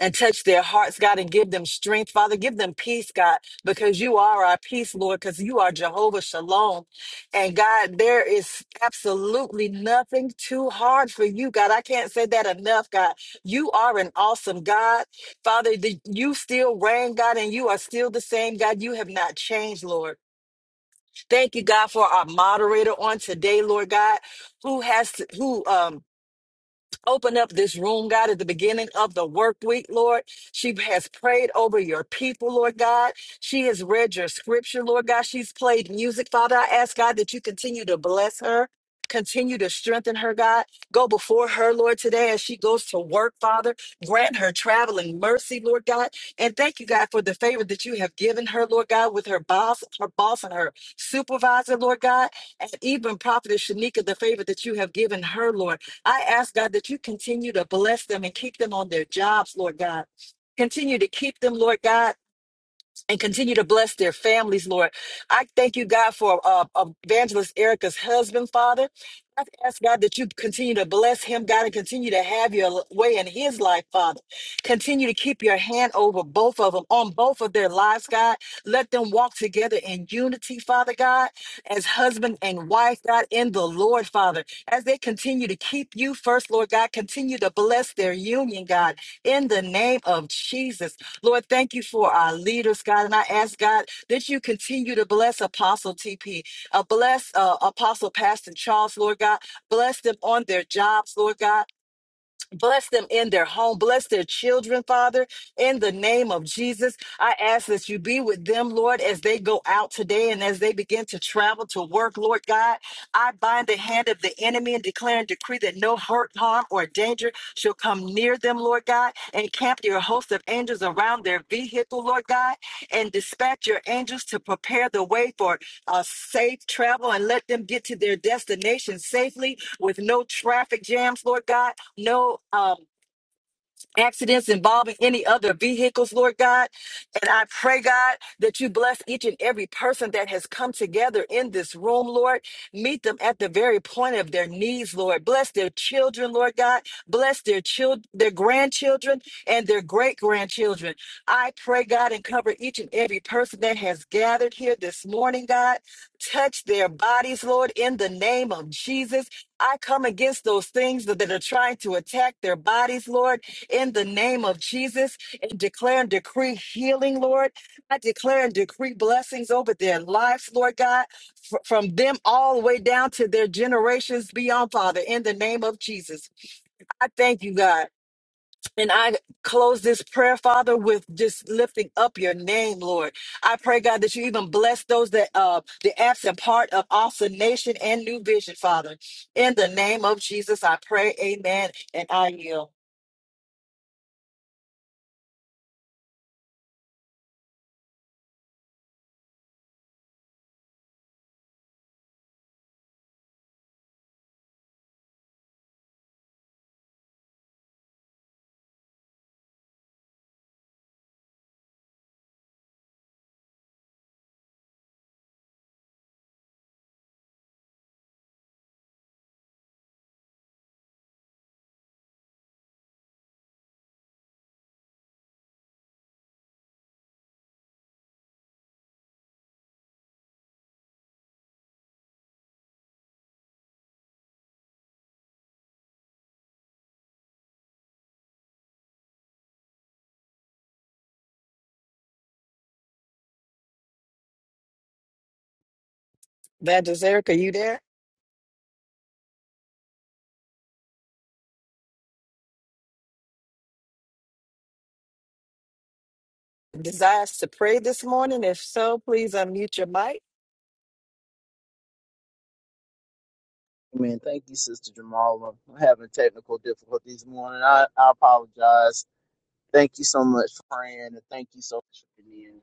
B: and touch their hearts, God, and give them strength. Father, give them peace, God, because you are our peace, Lord, because you are Jehovah Shalom. And God, there is absolutely nothing too hard for you, God. I can't say that enough, God. You are an awesome God. Father, the, you still reign, God, and you are still the same, God. You have not changed, Lord. Thank you, God, for our moderator on today, Lord God, who has to, who, um, Open up this room, God, at the beginning of the work week, Lord. She has prayed over your people, Lord God. She has read your scripture, Lord God. She's played music, Father. I ask, God, that you continue to bless her. Continue to strengthen her, God. Go before her, Lord, today as she goes to work, Father. Grant her traveling mercy, Lord God. And thank you, God, for the favor that you have given her, Lord God, with her boss, her boss and her supervisor, Lord God. And even Prophetess Shanika, the favor that you have given her, Lord. I ask God that you continue to bless them and keep them on their jobs, Lord God. Continue to keep them, Lord God and continue to bless their families, Lord. I thank you, God, for uh, Evangelist Erica's husband, Father. I ask God that you continue to bless him, God, and continue to have your way in his life, Father. Continue to keep your hand over both of them, on both of their lives, God. Let them walk together in unity, Father God, as husband and wife, God, in the Lord, Father. As they continue to keep you first, Lord God, continue to bless their union, God, in the name of Jesus. Lord, thank you for our leaders, God. And I ask, God, that you continue to bless Apostle TP, uh, bless uh, Apostle Pastor Charles, Lord God. Bless them on their jobs, Lord God. Bless them in their home. Bless their children, Father. In the name of Jesus, I ask that you be with them, Lord, as they go out today and as they begin to travel to work, Lord God. I bind the hand of the enemy and declare and decree that no hurt, harm, or danger shall come near them, Lord God. Encamp your host of angels around their vehicle, Lord God, and dispatch your angels to prepare the way for uh, safe travel and let them get to their destination safely with no traffic jams, Lord God, no. Um, accidents involving any other vehicles, Lord God. And I pray, God, that you bless each and every person that has come together in this room, Lord. Meet them at the very point of their needs, Lord. Bless their children, Lord God. Bless their children, their grandchildren, and their great grandchildren. I pray, God, and cover each and every person that has gathered here this morning, God. Touch their bodies, Lord, in the name of Jesus. I come against those things that that are trying to attack their bodies, Lord in the name of Jesus and declare and decree healing, Lord. I declare and decree blessings over their lives, Lord God, fr- from them all the way down to their generations beyond, Father, in the name of Jesus. I thank you, God. And I close this prayer, Father, with just lifting up your name, Lord. I pray, God, that you even bless those that uh the absent part of awesome nation and new vision, Father. In the name of Jesus, I pray, amen, and I yield. That is Erica, you there? desires to pray this morning? If so, please unmute your mic.
A: Amen. Thank you, Sister Jamala. I'm having technical difficulties this morning. I, I apologize. Thank you so much for praying, and thank you so much for being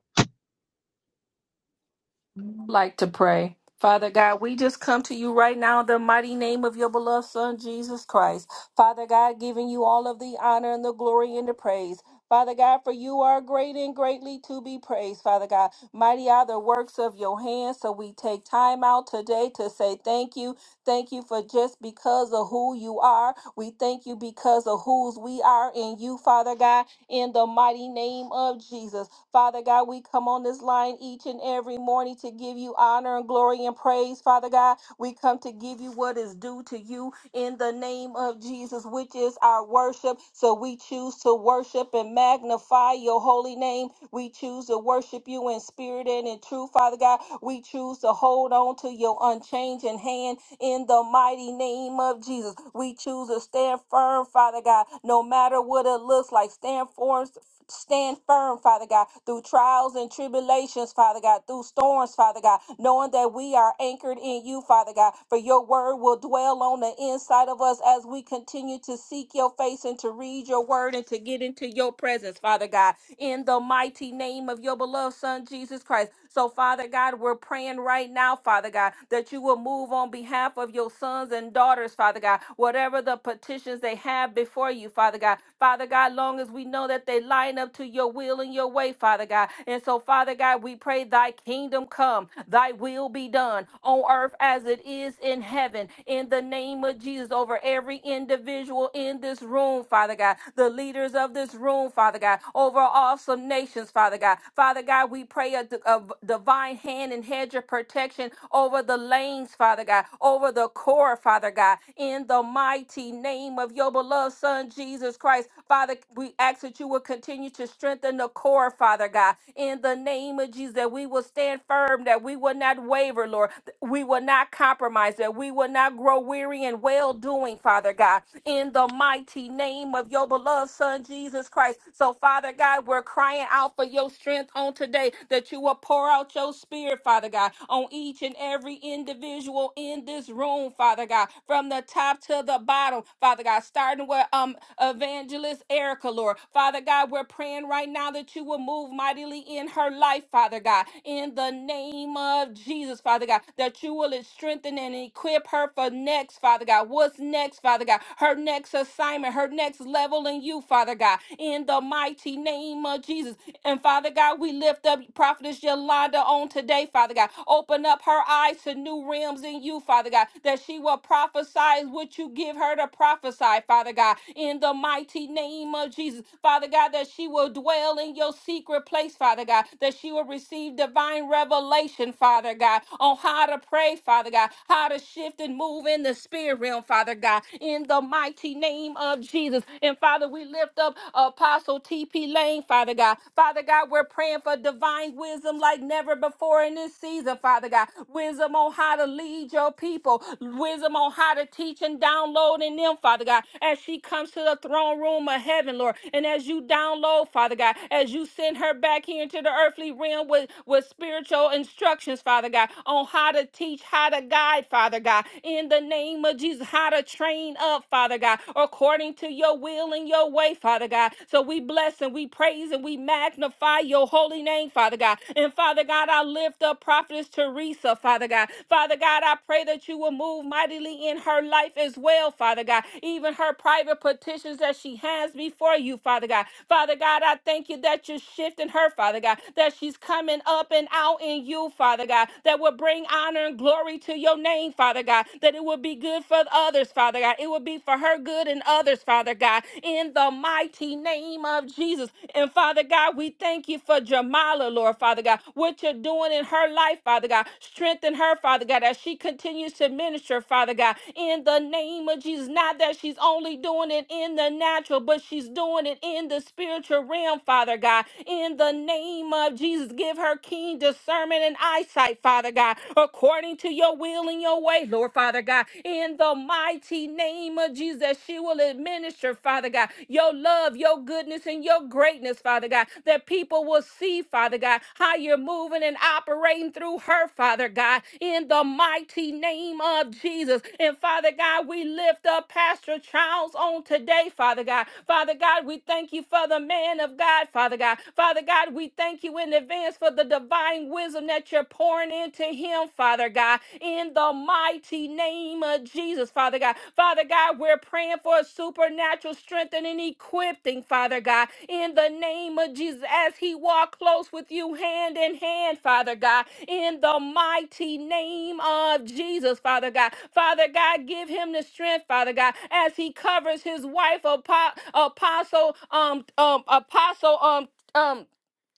E: like to pray. Father God, we just come to you right now in the mighty name of your beloved Son, Jesus Christ. Father God, giving you all of the honor and the glory and the praise. Father God, for you are great and greatly to be praised, Father God. Mighty are the works of your hands. So we take time out today to say thank you. Thank you for just because of who you are. We thank you because of whose we are in you, Father God, in the mighty name of Jesus. Father God, we come on this line each and every morning to give you honor and glory and praise, Father God. We come to give you what is due to you in the name of Jesus, which is our worship. So we choose to worship and magnify your holy name. We choose to worship you in spirit and in truth, Father God. We choose to hold on to your unchanging hand in the mighty name of Jesus. We choose to stand firm, Father God, no matter what it looks like. Stand firm stand firm, Father God, through trials and tribulations, Father God, through storms, Father God, knowing that we are anchored in you, Father God, for your word will dwell on the inside of us as we continue to seek your face and to read your word and to get into your presence, Father God, in the mighty name of your beloved Son, Jesus Christ. So, Father God, we're praying right now, Father God, that you will move on behalf of your sons and daughters, Father God, whatever the petitions they have before you, Father God. Father God, long as we know that they line up to your will and your way, Father God. And so, Father God, we pray thy kingdom come, thy will be done on earth as it is in heaven, in the name of Jesus, over every individual in this room, Father God, the leaders of this room, Father God, over awesome nations, Father God. Father God, we pray a, a divine hand and hedge of protection over the lanes, Father God, over the core, Father God, in the mighty name of your beloved Son, Jesus Christ. Father, we ask that you will continue to strengthen the core, Father God, in the name of Jesus, that we will stand firm, that we will not waver, Lord, we will not compromise that. We will not grow weary in well doing, Father God, in the mighty name of your beloved Son, Jesus Christ. So, Father God, we're crying out for your strength on today that you will pour out your spirit, Father God, on each and every individual in this room, Father God, from the top to the bottom, Father God, starting with um evangelist Erica, Lord. Father God, we're praying right now that you will move mightily in her life, Father God, in the name of Jesus. Jesus, Father God, that you will strengthen and equip her for next, Father God. What's next, Father God? Her next assignment, her next level in you, Father God, in the mighty name of Jesus. And Father God, we lift up Prophetess Yolanda on today, Father God. Open up her eyes to new realms in you, Father God, that she will prophesy what you give her to prophesy, Father God, in the mighty name of Jesus. Father God, that she will dwell in your secret place, Father God, that she will receive divine revelation, Father God, on how to pray, Father God, how to shift and move in the spirit realm, Father God, in the mighty name of Jesus. And Father, we lift up Apostle T.P. Lane, Father God. Father God, we're praying for divine wisdom like never before in this season, Father God. Wisdom on how to lead your people, wisdom on how to teach and download in them, Father God, as she comes to the throne room of heaven, Lord. And as you download, Father God, as you send her back here into the earthly realm with, with spiritual your instructions, Father God, on how to teach, how to guide, Father God, in the name of Jesus, how to train up, Father God, according to your will and your way, Father God. So we bless and we praise and we magnify your holy name, Father God. And Father God, I lift up Prophetess Teresa, Father God. Father God, I pray that you will move mightily in her life as well, Father God. Even her private petitions that she has before you, Father God. Father God, I thank you that you're shifting her, Father God, that she's coming up up and out in you, Father God, that will bring honor and glory to your name, Father God, that it will be good for others, Father God. It will be for her good and others, Father God, in the mighty name of Jesus. And Father God, we thank you for Jamala, Lord, Father God, what you're doing in her life, Father God. Strengthen her, Father God, as she continues to minister, Father God, in the name of Jesus. Not that she's only doing it in the natural, but she's doing it in the spiritual realm, Father God, in the name of Jesus. Jesus, give her keen discernment and eyesight, Father God, according to your will and your way, Lord Father God. In the mighty name of Jesus, that she will administer, Father God, your love, your goodness, and your greatness, Father God, that people will see, Father God, how you're moving and operating through her, Father God, in the mighty name of Jesus. And Father God, we lift up Pastor Charles on today, Father God. Father God, we thank you for the man of God, Father God. Father God, we thank thank you in advance for the divine wisdom that you're pouring into him, Father God, in the mighty name of Jesus, Father God. Father God, we're praying for a supernatural strengthening and equipping, Father God, in the name of Jesus, as he walked close with you hand in hand, Father God, in the mighty name of Jesus, Father God. Father God, give him the strength, Father God, as he covers his wife, Apo- Apostle, um, um, Apostle, um, um.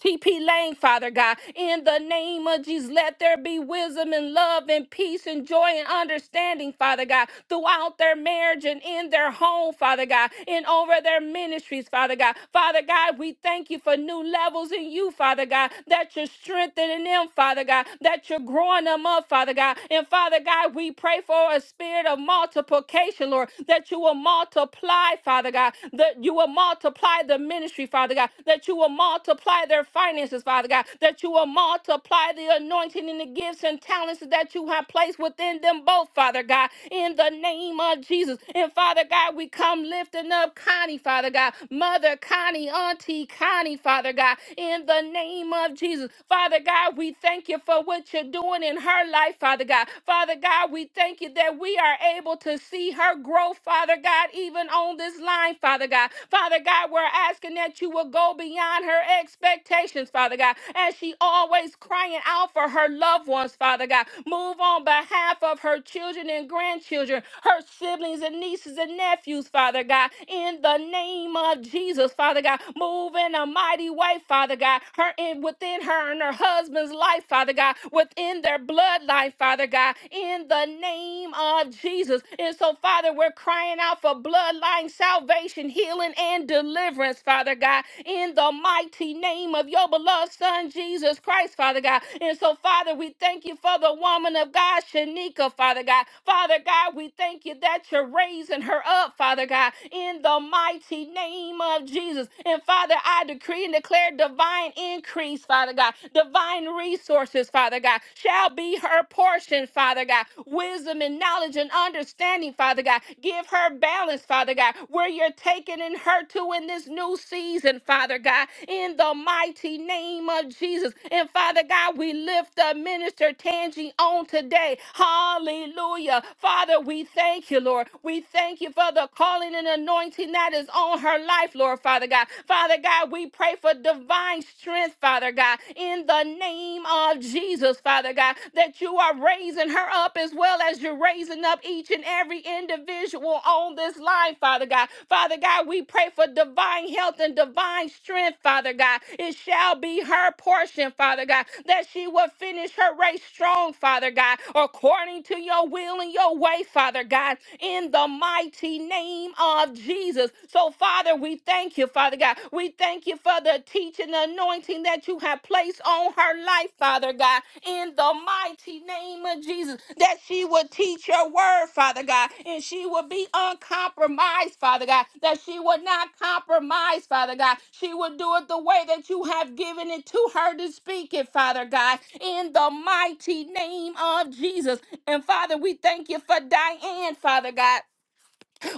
E: TP Lane, Father God, in the name of Jesus, let there be wisdom and love and peace and joy and understanding, Father God, throughout their marriage and in their home, Father God, and over their ministries, Father God. Father God, we thank you for new levels in you, Father God, that you're strengthening them, Father God, that you're growing them up, Father God. And Father God, we pray for a spirit of multiplication, Lord, that you will multiply, Father God, that you will multiply the ministry, Father God, that you will multiply their finances, Father God, that you will multiply the anointing and the gifts and talents that you have placed within them both, Father God, in the name of Jesus. And Father God, we come lifting up Connie, Father God, Mother Connie, Auntie Connie, Father God, in the name of Jesus. Father God, we thank you for what you're doing in her life, Father God. Father God, we thank you that we are able to see see her grow, Father God, even on this line, Father God. Father God, we're asking that you will go beyond her expectations, Father God, as she always crying out for her loved ones, Father God. Move on behalf of her children and grandchildren, her siblings and nieces and nephews, Father God, in the name of Jesus, Father God. Move in a mighty way, Father God, her in within her and her husband's life, Father God, within their bloodline, life, Father God, in the name of Jesus. And so, Father, we're crying out for bloodline salvation, healing, and deliverance, Father God, in the mighty name of your beloved Son, Jesus Christ, Father God. And so, Father, we thank you for the woman of God, Shanika, Father God. Father God, we thank you that you're raising her up, Father God, in the mighty name of Jesus. And Father, I decree and declare divine increase, Father. Father God. Divine resources, Father God, shall be her portion, Father God. Wisdom and knowledge and understanding, Father God. Give her balance, Father God, where you're taking in her to in this new season, Father God, in the mighty name of Jesus. And Father God, we lift the minister Tangi on today. Hallelujah. Father, we thank you, Lord. We thank you for the calling and anointing that is on her life, Lord, Father. Father God. Father God, we pray for divine strength, Father God, in the name of Jesus, Father God, that you are raising her up as well as you're raising up each and every individual on this line, Father God. Father God, we pray for divine health and divine strength, Father God. It shall be her portion, Father God, that she will finish her race strong, Father God, according to your will and your way, Father God, in the mighty mighty name of Jesus. So, Father, we thank you, Father God. We thank you for the teaching the anointing that you have placed on her life, Father God, in the mighty name of Jesus, that she would teach your word, Father God, and she would be uncompromised, Father God, that she would not compromise, Father God. She would do it the way that you have given it to her to speak it, Father God, in the mighty name of Jesus. And Father, we thank you for Diane, Father God.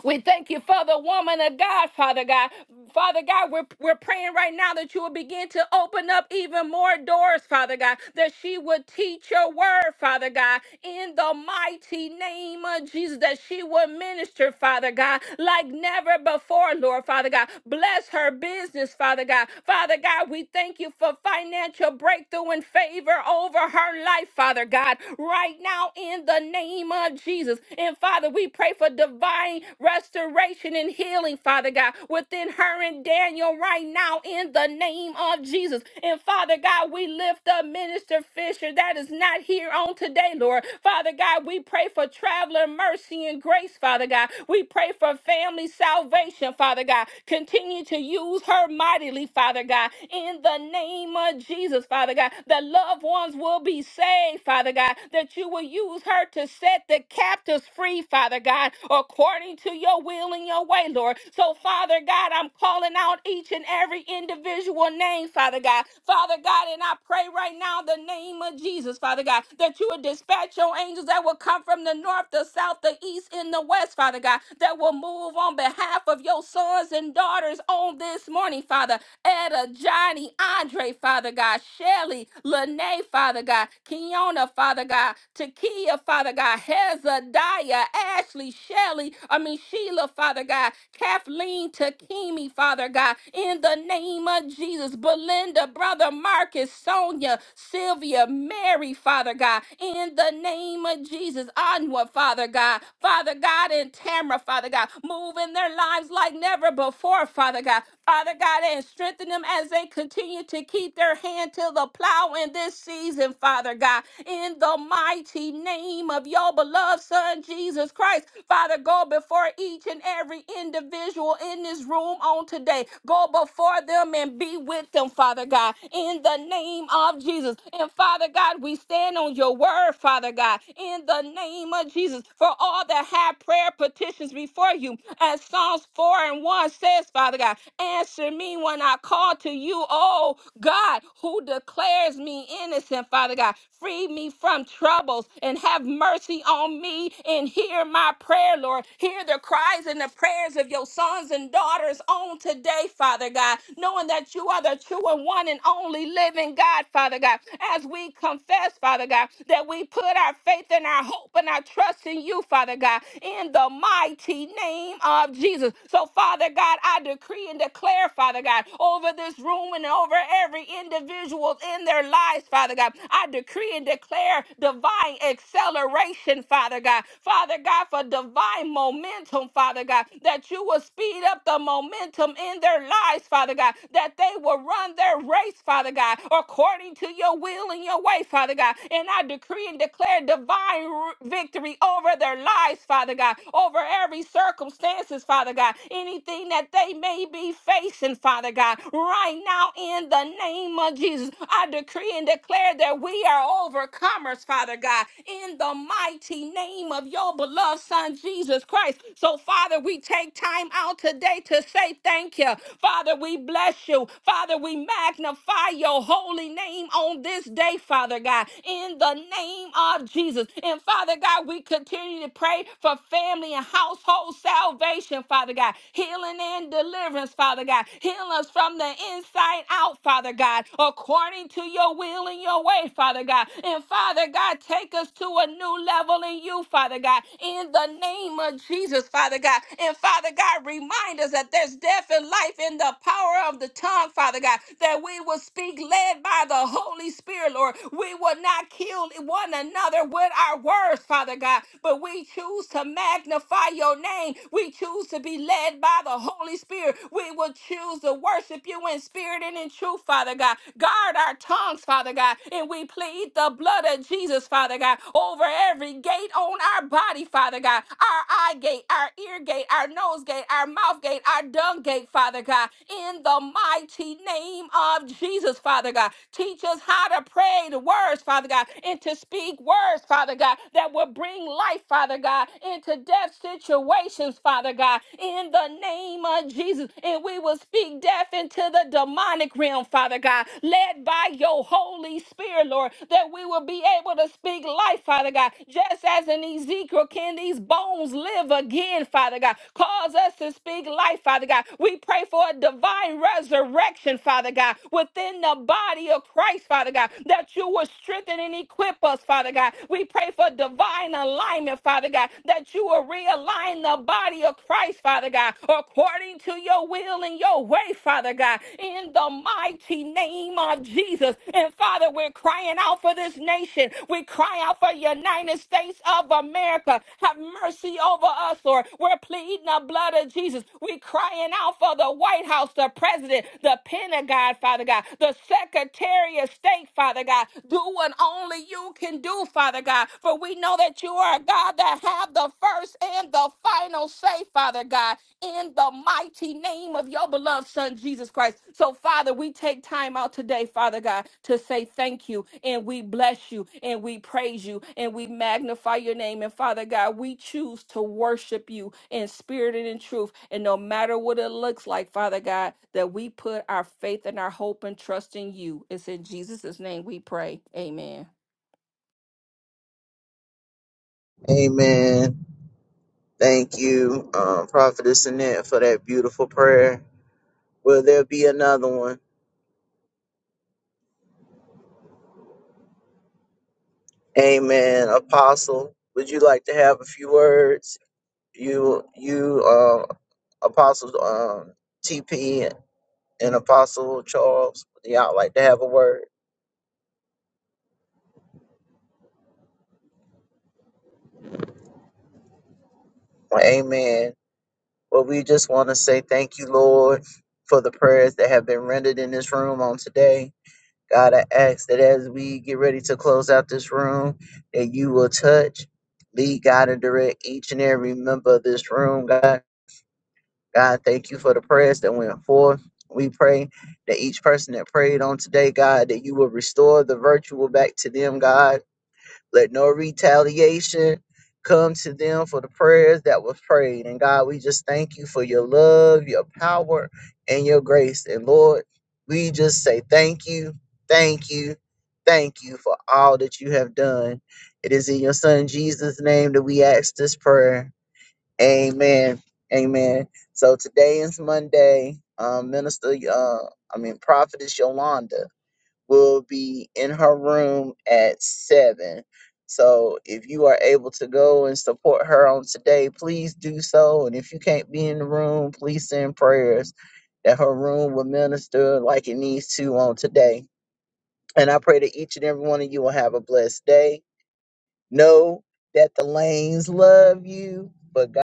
E: We thank you for the woman of God, Father God. Father God, we're, we're praying right now that you will begin to open up even more doors, Father God, that she would teach your word, Father God, in the mighty name of Jesus, that she would minister, Father God, like never before, Lord, Father God. Bless her business, Father God. Father God, we thank you for financial breakthrough and favor over her life, Father God, right now in the name of Jesus. And Father, Father, we pray for divine restoration and healing, Father God, within her and Daniel right now in the name of Jesus. And Father God, we lift up Minister Fisher that is not here on today, Lord. Father God, we pray for traveler mercy and grace, Father God. We pray for family salvation, Father God. Continue to use her mightily, Father God, in the name of Jesus, Father God. The loved ones will be saved, Father God, that you will use her to save set the captives free, Father God, according to your will and your way, Lord. So, Father God, I'm calling out each and every individual name, Father God. Father God, and I pray right now in the name of Jesus, Father God, that you would dispatch your angels that will come from the north, the south, the east, and the west, Father God, that will move on behalf of your sons and daughters on this morning, Father. Etta, Johnny, Andre, Father God, Shelly, Lene, Father God, Keona, Father God. God, Takia, Father God, Hezadiah, Ashley, Shelley, I mean Sheila, Father God, Kathleen, Takimi, Father God, in the name of Jesus, Belinda, Brother Marcus, Sonia, Sylvia, Mary, Father God, in the name of Jesus, Anwa, Father God, Father God, and Tamara, Father God, move in their lives like never before, Father God, Father God, and strengthen them as they continue to keep their hand to the plow in this season, healing, Father God, in the mighty name of your beloved Son, Jesus Christ. Father, go before each and every individual in this room on today. Go before them and be with them, Father God, in the name of Jesus. And Father God, we stand on your word, Father God, in the name of Jesus, for all that have prayer petitions before you. As Psalms 4 and 1 says, Father God, answer me when I call to you, oh God, who declares declares me innocent, Father God. Free me from troubles and have mercy on me and hear my prayer, Lord. Hear the cries and the prayers of your sons and daughters on today, Father God, knowing that you are the true and one and only living God, Father God. As we confess, Father God, that we put our faith and our hope and our trust in you, Father God, in the mighty name of Jesus. So, Father God, I decree and declare, Father God, over this room and over every individual in their lives, Father God. I decree and declare divine acceleration, Father God. Father God, for divine momentum, Father God, that you will speed up the momentum in their lives, Father God, that they will run their race, Father God, according to your will and your way, Father God. And I decree and declare divine r- victory over their lives, Father God, over every circumstances, Father God, anything that they may be facing, Father. Father God, right now in the name of Jesus. I decree and declare that we are overcomers, Father God, in the mighty name of your beloved Son, Jesus Christ. So, Father, we take time out today to say thank you. Father, we bless you. Father, we magnify your holy name on this day, Father God, in the name of Jesus. And Father God, we continue to pray for family and household salvation, Father God, healing and and deliverance, Father God. Heal us from the inside out, Father God, according to your will and your way, Father God. And Father God, take us to a new level in you, Father God, in the name of Jesus, Father God. And Father God, remind us that there's death and life in the power of the tongue, Father God, that we will speak led by the Holy Spirit, Lord. We will not kill one another with our words, Father God, but we choose to magnify your name. We choose choose to be led by the Holy Spirit. We will choose to worship you in spirit and in truth, Father God. Guard our tongues, Father God, and we plead the blood of Jesus, Father God, over every gate on our body, Father God, our eye gate, our ear gate, our nose gate, our mouth gate, our dung gate, Father God, in the mighty name of Jesus, Father God. Teach us how to pray the words, Father God, and to speak words, Father God, that will bring life, Father God, into death life situations, Father God, in the name of Jesus. And we will speak death into the demonic realm, Father God, led by your Holy Spirit, Lord, that we will be able to speak life, Father God. Just as in Ezekiel, can these bones live again, Father God? Cause us to speak life, Father God. We pray for a divine resurrection, Father God, within the body of Christ, Father God, that you will strengthen and equip us, Father God. We pray for divine alignment alignment, Father God, that you will realign the body of Christ, Father God, according to your will and your way, Father God, in the mighty name of Jesus. And Father, we're crying out for this nation. We cry out for United States of America. Have mercy over us, Lord. We're pleading the blood of Jesus. We're crying out for the White House, the president, the Pentagon, Father God, the Secretary of State, Father God. Do what only you can do, Father God. God. For we know that you are a God that have the first and the final say, Father God, in the mighty name of your beloved Son, Jesus Christ. So, Father, we take time out today, Father God, to say thank you and we bless you and we praise you and we magnify your name. And, Father God, we choose to worship you in spirit and in truth. And no matter what it looks like, Father God, that we put our faith and our hope and trust in you. It's in Jesus' name we pray. Amen.
A: Amen. Thank you, um, Prophetess Annette, for that beautiful prayer. Will there be another one? Amen. Apostle, would you like to have a few words? You, you, uh, Apostle um, TP and Apostle Charles, would y'all like to have a word? Amen. But we just want to say thank you, Lord, for the prayers that have been rendered in this room on today. God, I ask that as we get ready to close out this room, that you will touch, lead, guide, and direct each and every member of this room, God. God, thank you for the prayers that went forth. We pray that each person that prayed on today, God, that you will restore the virtual back to them, God let no retaliation come to them for the prayers that was prayed. And God, we just thank you for your love, your power, and your grace. And Lord, we just say thank you, thank you, thank you for all that you have done. It is in your son Jesus' name that we ask this prayer. Amen. Amen. So today is Monday. Um, Minister, uh, I mean, Prophetess Yolanda will be in her room at seven. So if you are able to go and support her on today, please do so. And if you can't be in the room, please send prayers that her room will minister like it needs to on today. And I pray that each and every one of you will have a blessed day. Know that the lanes love you, but God.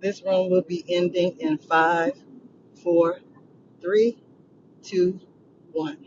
B: This room will be ending in five, four, three, two, one.